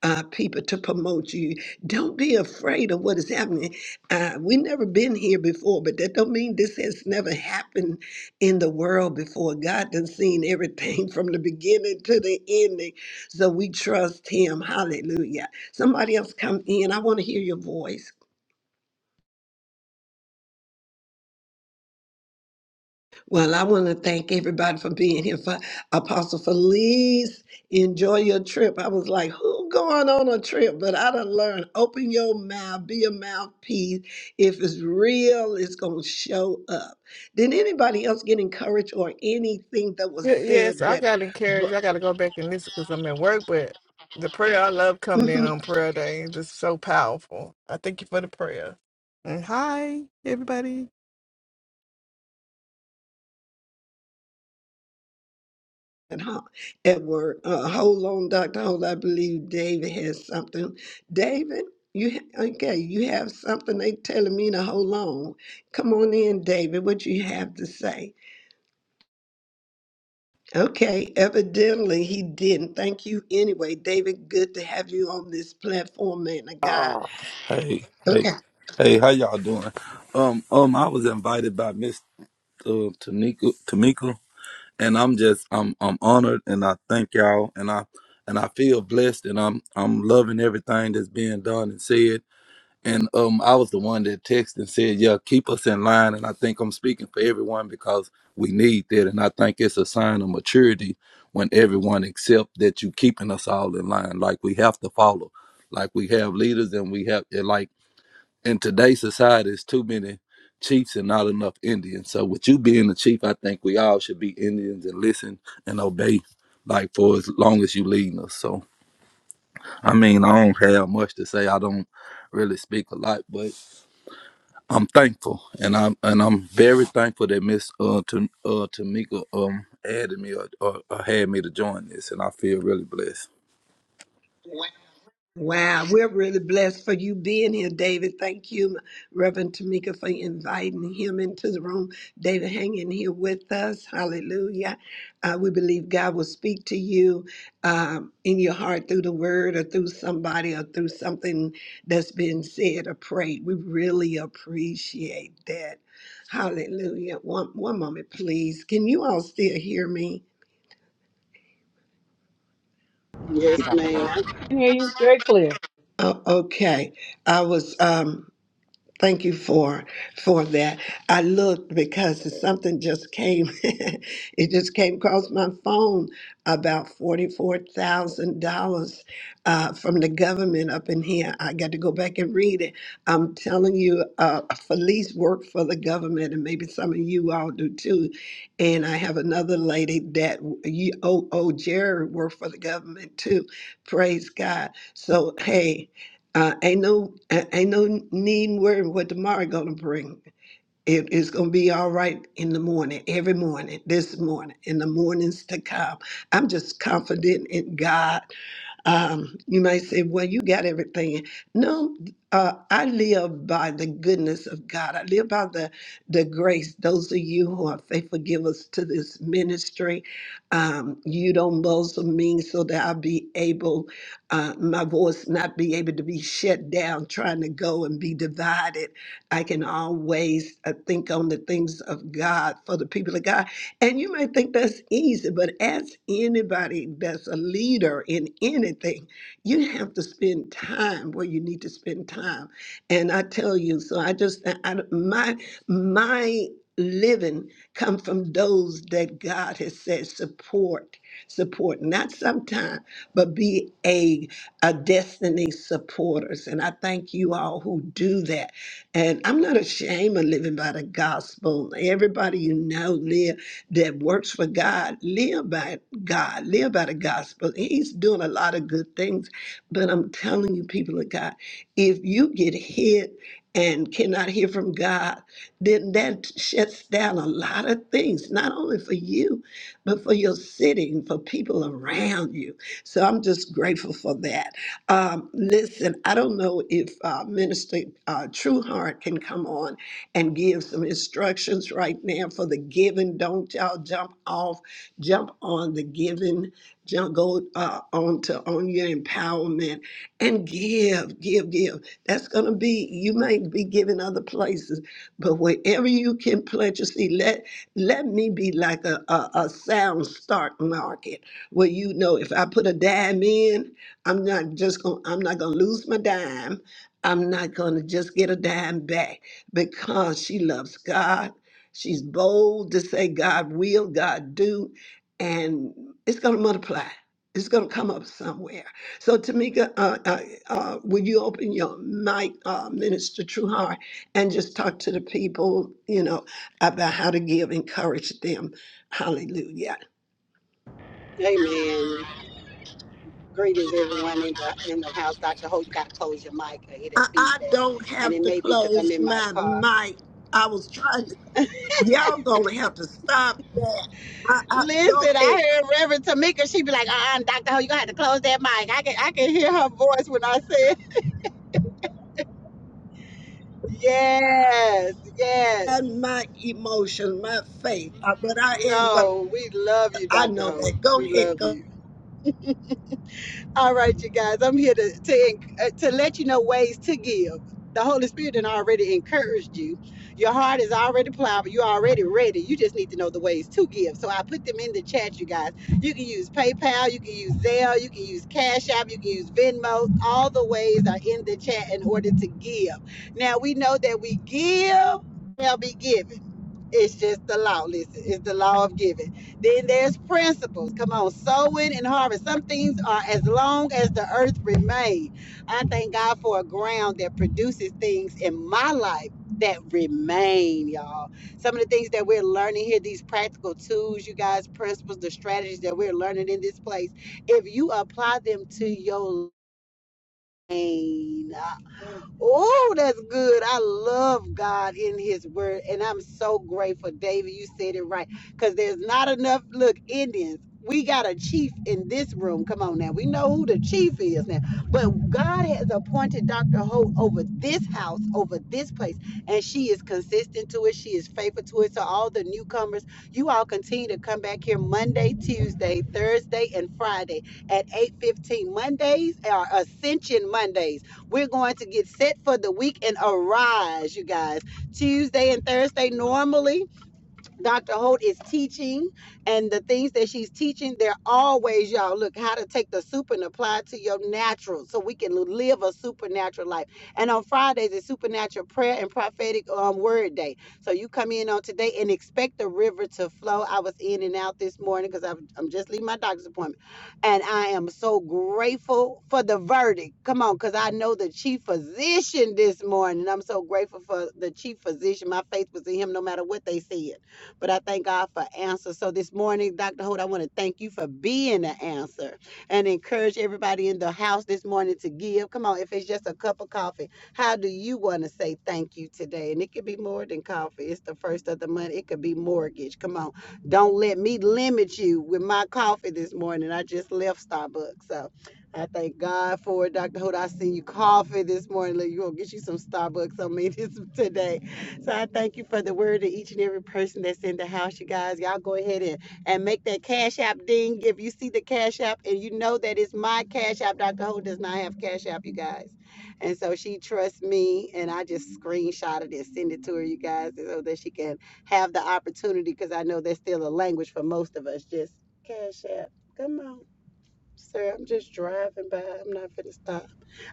S1: uh, people to promote you don't be afraid of what is happening uh, we never been here before but that don't mean this has never happened in the world before. God done seen everything from the beginning to the ending. So we trust him. Hallelujah. Somebody else come in. I want to hear your voice. Well, I want to thank everybody for being here. For Apostle Felice, enjoy your trip. I was like, who going on a trip? But I done learned, open your mouth, be a mouthpiece. If it's real, it's going to show up. Did anybody else get encouraged or anything that was
S5: Ye- Yes,
S1: said
S5: I
S1: that...
S5: got encouraged. I got to go back and listen because I'm at work, but the prayer I love
S1: Mhm.
S5: coming in on prayer day. This is so powerful. I thank you for the prayer. And hi, everybody.
S1: at ho- at Uh, hold on, Dr. Hold. I believe David has something. David, you ha- okay? You have something? They telling me to hold on. Come on in, David. What you have to say? Okay. Evidently, he didn't. Thank you anyway, David. Good to have you on this platform, man. of God.
S9: Oh, hey, hey,
S1: Okay.
S9: hey, how y'all doing? Um, um, I was invited by Miss uh, Tamika, Tamika, and I'm just, I'm, I'm honored, and I thank y'all, and I, and I feel blessed, and I'm, I'm loving everything that's being done and said, and um, I was the one that texted and said, "Yeah, keep us in line." And I think I'm speaking for everyone because we need that, and I think it's a sign of maturity when everyone accept that you keeping us all in line. Like we have to follow, like we have leaders, and we have and like in today's society, it's too many chiefs and not enough Indians. So with you being the chief, I think we all should be Indians and listen and obey, like for as long as you leading us. So I mean, I don't have much to say. I don't really speak a lot, but I'm thankful, and I'm and I'm very thankful that Miss uh, Tam, uh Tamika um added me or, or, or had me to join this, and I feel really blessed.
S1: Wow, we're really blessed for you being here, David. Thank you, Reverend Tamika, for inviting him into the room. David, hang in here with us. Hallelujah. Uh, we believe God will speak to you um, in your heart through the word or through somebody or through something that's been said or prayed. We really appreciate that. Hallelujah. One, one moment, please. Can you all still hear me?
S7: hey,
S3: Yes,
S7: Dr. Hope.
S3: ma'am.
S4: We can hear you very clear.
S1: Oh, okay. I was. Um, Thank you for for that. I looked because something just came. it just came across my phone about forty four thousand dollars uh, from the government up in here. I got to go back and read it. I'm telling you, uh, Felice worked for the government, and maybe some of you all do too. And I have another lady that you, oh oh Jerry worked for the government too. Praise God. So hey. Uh, ain't no a- ain't no need worrying what tomorrow gonna bring. It is gonna be all right in the morning, every morning, this morning, in the mornings to come. I'm just confident in God um, you might say, well, you got everything. No, uh, I live by the goodness of God. I live by the, the grace. Those of you who are faithful givers to this ministry, um, you don't muzzle me so that I'll be able, uh, my voice not be able to be shut down, trying to go and be divided. I can always uh, think on the things of God for the people of God. And you may think that's easy, but as anybody that's a leader in anything. You have to spend time where you need to spend time. And I tell you, so I just I, I- my my living come from those that God has said support, support, not sometime, but be a a destiny supporters. And I thank you all who do that. And I'm not ashamed of living by the gospel. Everybody you know live that works for God, live by God, live by the gospel. He's doing a lot of good things, but I'm telling you, people of God, if you get hit and cannot hear from God, then that shuts down a lot of things, not only for you, but for your city and for people around you. So I'm just grateful for that. Um, listen, I don't know if uh, Minister uh, Trueheart can come on and give some instructions right now for the giving. Don't y'all jump off, jump on the giving, jump go uh, on to on your empowerment and give, give, give. That's gonna be you might be giving other places, but wherever you can pledge your seed, let let me be like a, a, a sound start market where you know if I put a dime in, I'm not just gonna I'm not gonna lose my dime. I'm not gonna just get a dime back because she loves God. She's bold to say, God will, God do, and it's going to multiply. It's going to come up somewhere. So, Tamika, uh, uh, uh, would you open your mic, uh, Minister Trueheart, and just talk to the people, you know, about how to give, encourage them. Hallelujah.
S3: Amen. Greetings, everyone in the in the house. Dr. Holt, you gotta close your mic. I hear that
S1: I, I
S3: feedback,
S1: don't
S3: and
S1: have
S3: it
S1: to
S3: may be because I'm
S1: close
S3: in my
S1: my
S3: car.
S1: mic. I was trying to, y'all going to have to stop that. I, I,
S3: Listen,
S1: okay,
S3: I heard Reverend Tamika. She be like, "Uh, uh Dr. Holt, you gonna have to close that mic." I can I can hear her voice when I said, "Yes, yes."
S1: and my emotions, my faith. Uh, but I am going.
S3: No, we love you,
S1: I
S3: Dr.
S1: know
S3: Holt.
S1: that. Go
S3: We
S1: ahead.
S3: love
S1: Go.
S3: you. All right, you guys. I'm here to to en- uh, to let you know ways to give. The Holy Spirit done already encouraged you. Your heart is already plowed. You're already ready. You just need to know the ways to give. So I put them in the chat, you guys. You can use PayPal. You can use Zelle. You can use Cash App. You can use Venmo. All the ways are in the chat in order to give. Now we know that we give. Shall be given. It's just the law. Listen, it's the law of giving. Then there's principles. Come on, sowing and harvest. Some things are as long as the earth remains. I thank God for a ground that produces things in my life that remain, y'all. Some of the things that we're learning here, these practical tools, you guys, principles, the strategies that we're learning in this place, if you apply them to your Oh, that's good. I love God in His Word, and I'm so grateful, David. You said it right, because there's not enough. Look, Indians, we got a chief in this room. Come on now, we know who the chief is now. But God has appointed Dr. Holt over this house, over this place, and she is consistent to it. She is faithful to it. So all the newcomers, you all continue to come back here Monday, Tuesday, Thursday, and Friday at 8:15 Mondays are Ascension Mondays. We're going to get set for the week and arise, you guys. Tuesday and Thursday normally Dr. Holt is teaching, and the things that she's teaching, they're always, y'all, look, how to take the super and apply it to your natural so we can live a supernatural life. And on Fridays, it's supernatural prayer and prophetic um, word day. So you come in on today and expect the river to flow. I was in and out this morning because I'm, I'm just leaving my doctor's appointment. And I am so grateful for the verdict. Come on, because I know the chief physician this morning. I'm so grateful for the chief physician. My faith was in him no matter what they said. But I thank God for answers. So this morning, Dr. Holt, I want to thank you for being the answer and encourage everybody in the house this morning to give. Come on, if it's just a cup of coffee, how do you want to say thank you today? And it could be more than coffee. It's the first of the month. It could be mortgage. Come on. Don't let me limit you with my coffee this morning. I just left Starbucks. So I thank God for it, Dr. Holt. I seen you coffee this morning. Look, you gonna get you some Starbucks on me this today. So I thank you for the word of each and every person that's in the house, you guys. Y'all go ahead and, and make that cash app ding. If you see the cash app and you know that it's my cash app, Dr. Ho does not have cash app, you guys. And so she trusts me and I just screenshotted it, send it to her, you guys, so that she can have the opportunity because I know that's still a language for most of us. Just cash app. Come on, sir. I'm just driving by. I'm not finna stop.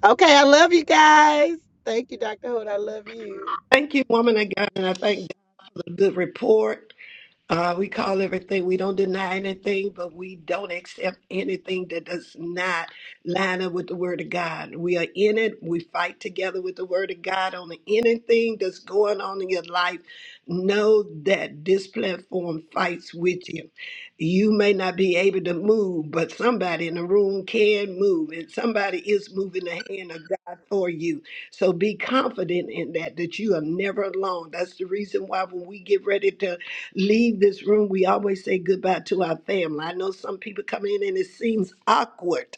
S3: Okay, I love you guys. Thank you, Dr. Hood. I love you.
S1: Thank you, woman. Again, and I thank God for the good report. Uh, we call everything, we don't deny anything, but we don't accept anything that does not line up with the Word of God. We are in it, we fight together with the Word of God on anything that's going on in your life. Know that this platform fights with you. You may not be able to move, but somebody in the room can move, and somebody is moving the hand of God for you. So be confident in that, that you are never alone. That's the reason why when we get ready to leave this room, we always say goodbye to our family. I know some people come in and it seems awkward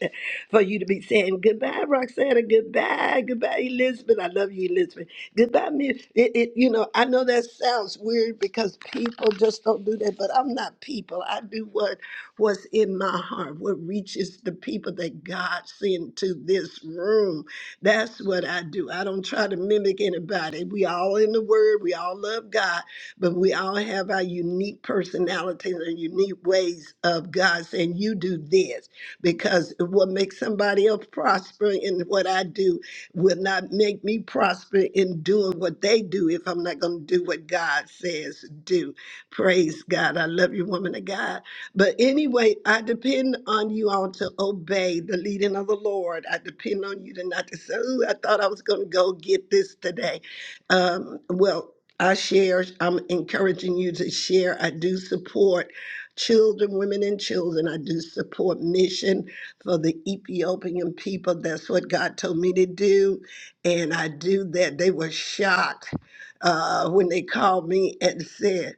S1: for you to be saying goodbye, Roxana, goodbye, goodbye, Elizabeth. I love you, Elizabeth. Goodbye, me. It, it, you know, I know that sounds weird because people just don't do that, but I'm not people. I do what what's in my heart, what reaches the people that God sent to this room. That's what I do. I don't try to mimic anybody. We all in the Word. We all love God but we all have our unique personalities and unique ways of God saying, You do this, because what makes somebody else prosper in what I do will not make me prosper in doing what they do if I'm not going to do what God says do. Praise God. I love you, woman of God. But anyway, I depend on you all to obey the leading of the Lord. I depend on you to not to say, Ooh, I thought I was going to go get this today. Um, well, I share, I'm encouraging you to share. I do support children, women, and children. I do support mission for the Ethiopian people. That's what God told me to do. And I do that. They were shocked uh, when they called me and said,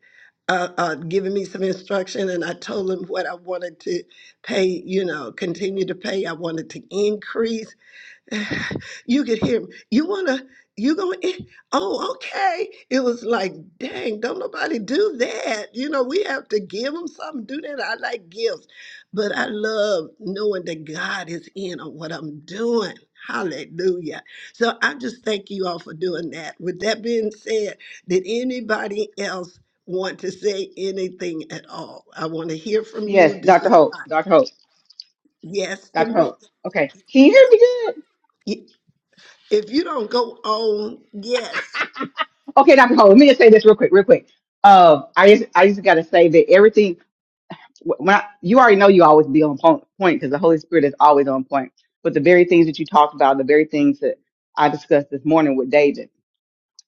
S1: uh, uh, giving me some instruction, and I told them what I wanted to pay, you know, continue to pay. I wanted to increase. you could hear me. You wanna, you gonna, eh, oh, okay. It was like, dang, don't nobody do that. You know, we have to give them something, do that. I like gifts, but I love knowing that God is in on what I'm doing. Hallelujah. So I just thank you all for doing that. With that being said, did anybody else want to say anything at all? I want to hear from
S7: Yes,
S1: you. This
S7: Dr.
S1: is
S7: Holt. Dr. Holt.
S1: yes to
S7: Dr.
S1: me.
S7: Holt. Okay, can you hear me good?
S1: Y- If you don't go on, yes.
S7: Okay, Dr. Holt. let me just say this real quick, real quick. Uh, I just, I just got to say that everything, wh- when I, you already know you always be on po- point because the Holy Spirit is always on point. But the very things that you talked about, the very things that I discussed this morning with David,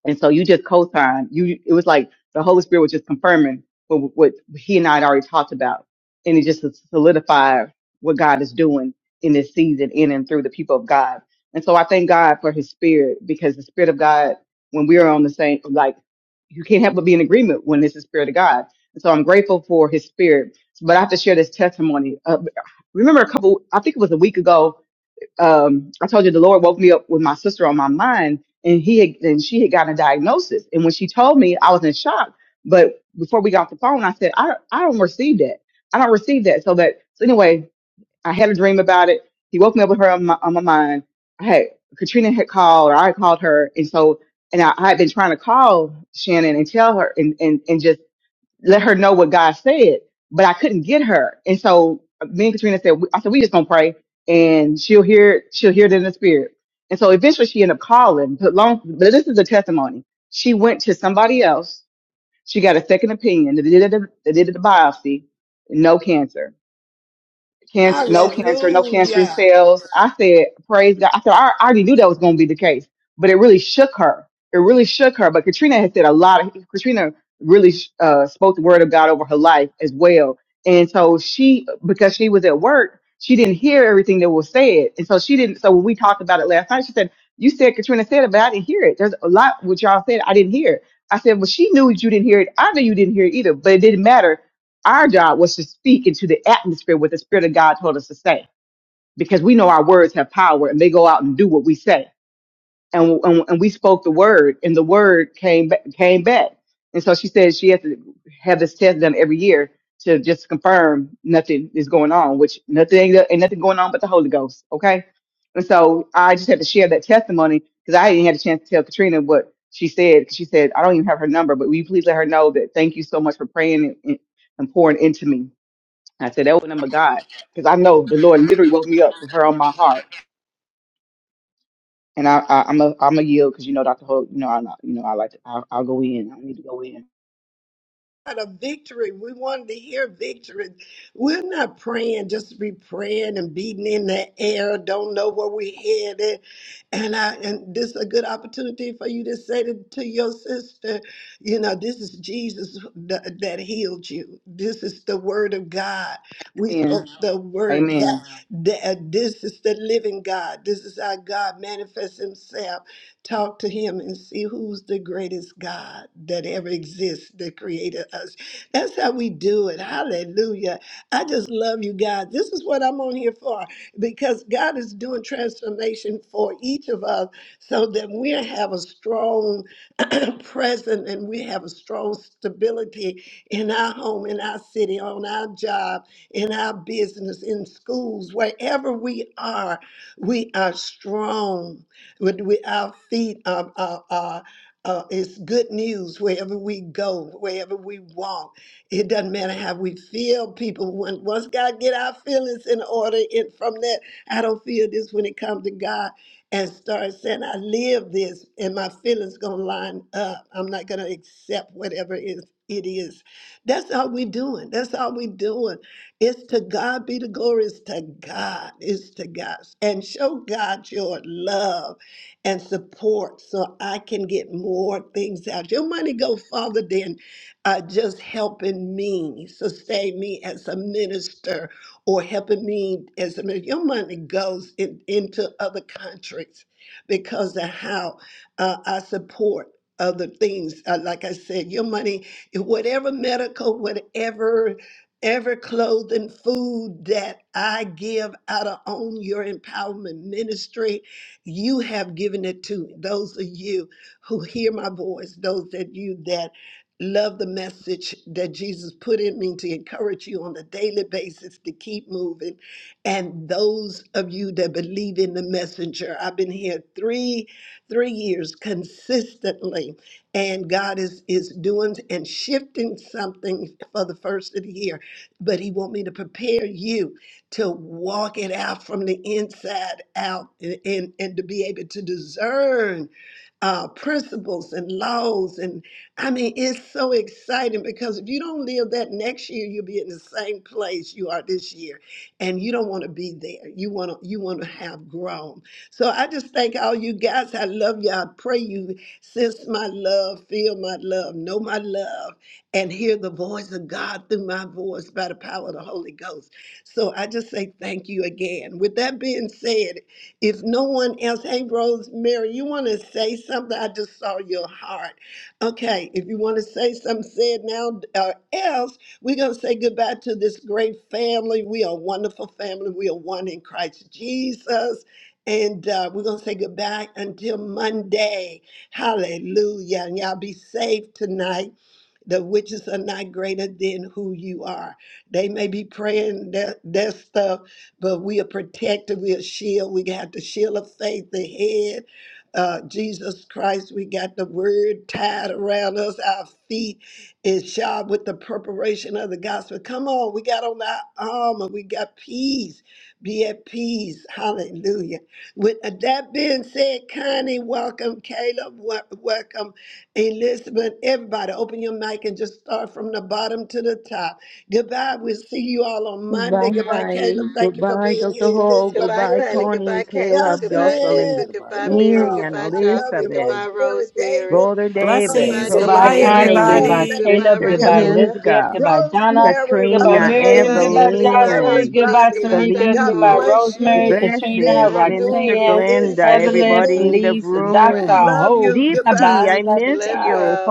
S7: And so you just co-signed. You it was like the Holy Spirit was just confirming what, what he and I had already talked about, and it just solidified what God is doing in this season, in and through the people of God. And so I thank God for His Spirit because the Spirit of God, when we are on the same, like you can't help but be in agreement when it's the Spirit of God. And so I'm grateful for His Spirit. But I have to share this testimony. Uh, remember a couple, I think it was a week ago um, I told you the Lord woke me up with my sister on my mind, and he had, and she had gotten a diagnosis. And when she told me, I was in shock. But before we got off the phone, I said, I I don't receive that. I don't receive that. So that so anyway, I had a dream about it. He woke me up with her on my on my mind. I had Katrina had called, or I had called her, and so and I, I had been trying to call Shannon and tell her and and and just let her know what God said, but I couldn't get her. And so uh, me and Katrina said, I said, we just gonna pray and she'll hear, it- she'll hear it in the spirit. And so eventually she ended up calling, but long, but this is a testimony. She went to somebody else. She got a second opinion. They did a, they did a biopsy, no cancer cancer, no cancer, no cancerous
S1: Hallelujah.
S7: cells. I said, praise God. I said, I I already knew that was going to be the case, but it really shook her. It really shook her. But Katrina had said a lot of, Katrina really uh, spoke the word of God over her life as well. And so she, because she was at work, she didn't hear everything that was said. And so she didn't, so when we talked about it last night, she said, you said Katrina said it, but I didn't hear it. There's a lot what y'all said. I didn't hear it. I said, well, she knew you didn't hear it. I knew you didn't hear it either, but it didn't matter our job was to speak into the atmosphere what the Spirit of God told us to say, because we know our words have power and they go out and do what we say. And, and, and we spoke the word, and the word came ba- came back. And so she said she has to have this test done every year to just confirm nothing is going on, which nothing ain't nothing going on but the Holy Ghost. Okay. And so I just had to share that testimony because I hadn't had a chance to tell Katrina what she said. She said, I don't even have her number, but will you please let her know that thank you so much for praying and, and pouring into me. I said that was number God because I know the Lord literally woke me up with her on my heart, and I, I I'm a I'm a yield because you know Dr. Hope, you know I you know I like to I, I'll go in. I need to go in.
S1: What a victory. We wanted to hear victory. We're not praying just to be praying and beating in the air, don't know where we're headed. And I and this is a good opportunity for you to say to, to your sister, you know, this is Jesus that, that healed you. This is the word of God. We spoke
S7: Amen.
S1: the word
S7: Amen.
S1: that, that this is the living God. This is our God manifest himself. Talk to him and see who's the greatest God that ever exists that created us. That's how we do it. Hallelujah. I just love you guys. This is what I'm on here for because God is doing transformation for each of us so that we have a strong present and we have a strong stability in our home, in our city, on our job, in our business, in schools, wherever we are, we are strong. With we, our feet are, are, are uh, it's good news wherever we go, wherever we walk. It doesn't matter how we feel, people. When, once God get our feelings in order, and from that, I don't feel this when it comes to God, and start saying, I live this, and my feelings gonna line up. I'm not gonna accept whatever it is. It is. That's all we doing. That's all we doing. It's to God be the glory. It's to God. It's to God. And show God your love and support so I can get more things out. Your money go farther than uh, just helping me sustain me as a minister or helping me as a minister. Your money goes in, into other countries because of how uh, I support other things. Uh, like I said, your money, whatever medical, whatever. Every clothing, food that I give out of own your empowerment ministry, you have given it to me. Those of you who hear my voice, those that you that love the message that Jesus put in me to encourage you on a daily basis to keep moving. And those of you that believe in the messenger, I've been here three, three years consistently, and God is is doing and shifting something for the first of the year. But He want me to prepare you to walk it out from the inside out and, and, and to be able to discern uh, principles and laws. And I mean, it's so exciting because if you don't live that next year, you'll be in the same place you are this year. And you don't want to be there. You want to you want to have grown. So I just thank all you guys. I love you. I pray you sense my love, feel my love, know my love, and hear the voice of God through my voice by the power of the Holy Ghost. So I just say thank you again. With that being said, if no one else, hey, Rosemary, you want to say something? I just saw your heart. Okay, if you want to say something, say it now, or else we're going to say goodbye to this great family. We are a wonderful family. We are one in Christ Jesus. And uh, we're going to say goodbye until Monday. Hallelujah. And y'all be safe tonight. The witches are not greater than who you are. They may be praying that, that stuff, but we are protected. We are shield. We got the shield of faith, the head, uh, Jesus Christ. We got the word tied around us. Our feet is shod with the preparation of the gospel. Come on, we got on our armor. We got peace. Be at peace. Hallelujah. With uh, that being said, Connie, welcome. Caleb, wel- welcome. Elizabeth, everybody, open your mic and just start from the bottom to the top. Goodbye. We'll see you all on Monday. Goodbye,
S10: Goodbye.
S1: Caleb. Thank you for
S10: Goodbye,
S1: being
S10: Dr.
S1: here.
S10: Hall.
S1: Elizabeth,
S3: Goodbye,
S10: Goodbye,
S3: Connie.
S1: Miriam,
S10: Connie,
S3: Goodbye, Caleb.
S10: Caleb,
S3: Goodbye,
S10: Jocelyn,
S1: Jocelyn,
S3: Elizabeth.
S1: give
S11: Goodbye,
S3: Goodbye,
S1: me a
S3: Mary.
S11: Connie,
S1: call.
S10: Miriam,
S3: Goodbye,
S1: I
S11: Caleb.
S1: love
S3: Jocelyn.
S1: you.
S10: Elizabeth,
S3: Goodbye,
S1: Rosemary,
S3: Rosemary.
S1: David,
S10: Brother
S11: Bye,
S10: David,
S3: Goodbye,
S11: everyone.
S12: Blessings.
S4: Goodbye,
S3: David.
S12: Goodbye,
S1: hallelujah.
S3: Goodbye,
S4: Connie.
S1: Evelyn,
S3: Tamika.
S4: Goodbye,
S10: Rosemary,
S12: everybody.
S1: thank you,
S3: Goodbye,
S4: Caleb.
S10: Sister
S4: Goodbye,
S1: Jared.
S3: Roxana.
S4: Elizabeth.
S10: Tamika,
S4: Goodbye, Donna.
S1: Rosemary, uh,
S4: Goodbye,
S10: Katrina,
S4: Miriam.
S3: Goodbye,
S4: Goodbye,
S3: Evelyn.
S1: Felice,
S3: Goodbye,
S4: Jocelyn.
S3: Apostle
S10: Evelyn,
S3: Felice.
S4: Goodbye,
S1: everybody.
S3: Goodbye, Dr.
S4: Tamika.
S1: God
S10: Felice,
S4: Goodbye,
S3: Holt.
S1: bless
S10: the
S4: Rosemary,
S1: you.
S3: And
S4: Katrina,
S10: blessings,
S1: This
S3: have a good
S10: Minister
S1: room
S4: Roxanne,
S3: weekend. Let's
S1: is
S10: Glenda,
S3: see.
S4: Evelyn,
S10: everybody
S1: ending.
S10: in the
S4: Felice,
S3: Sunita
S4: Dr.
S10: room.
S3: Ride.
S1: Love
S4: Hope.
S1: you.
S10: Deepti,
S1: Goodbye.
S4: Goodbye.
S10: I
S4: Love
S3: I
S4: you
S10: miss
S3: love you
S4: guys.
S10: you.
S3: all.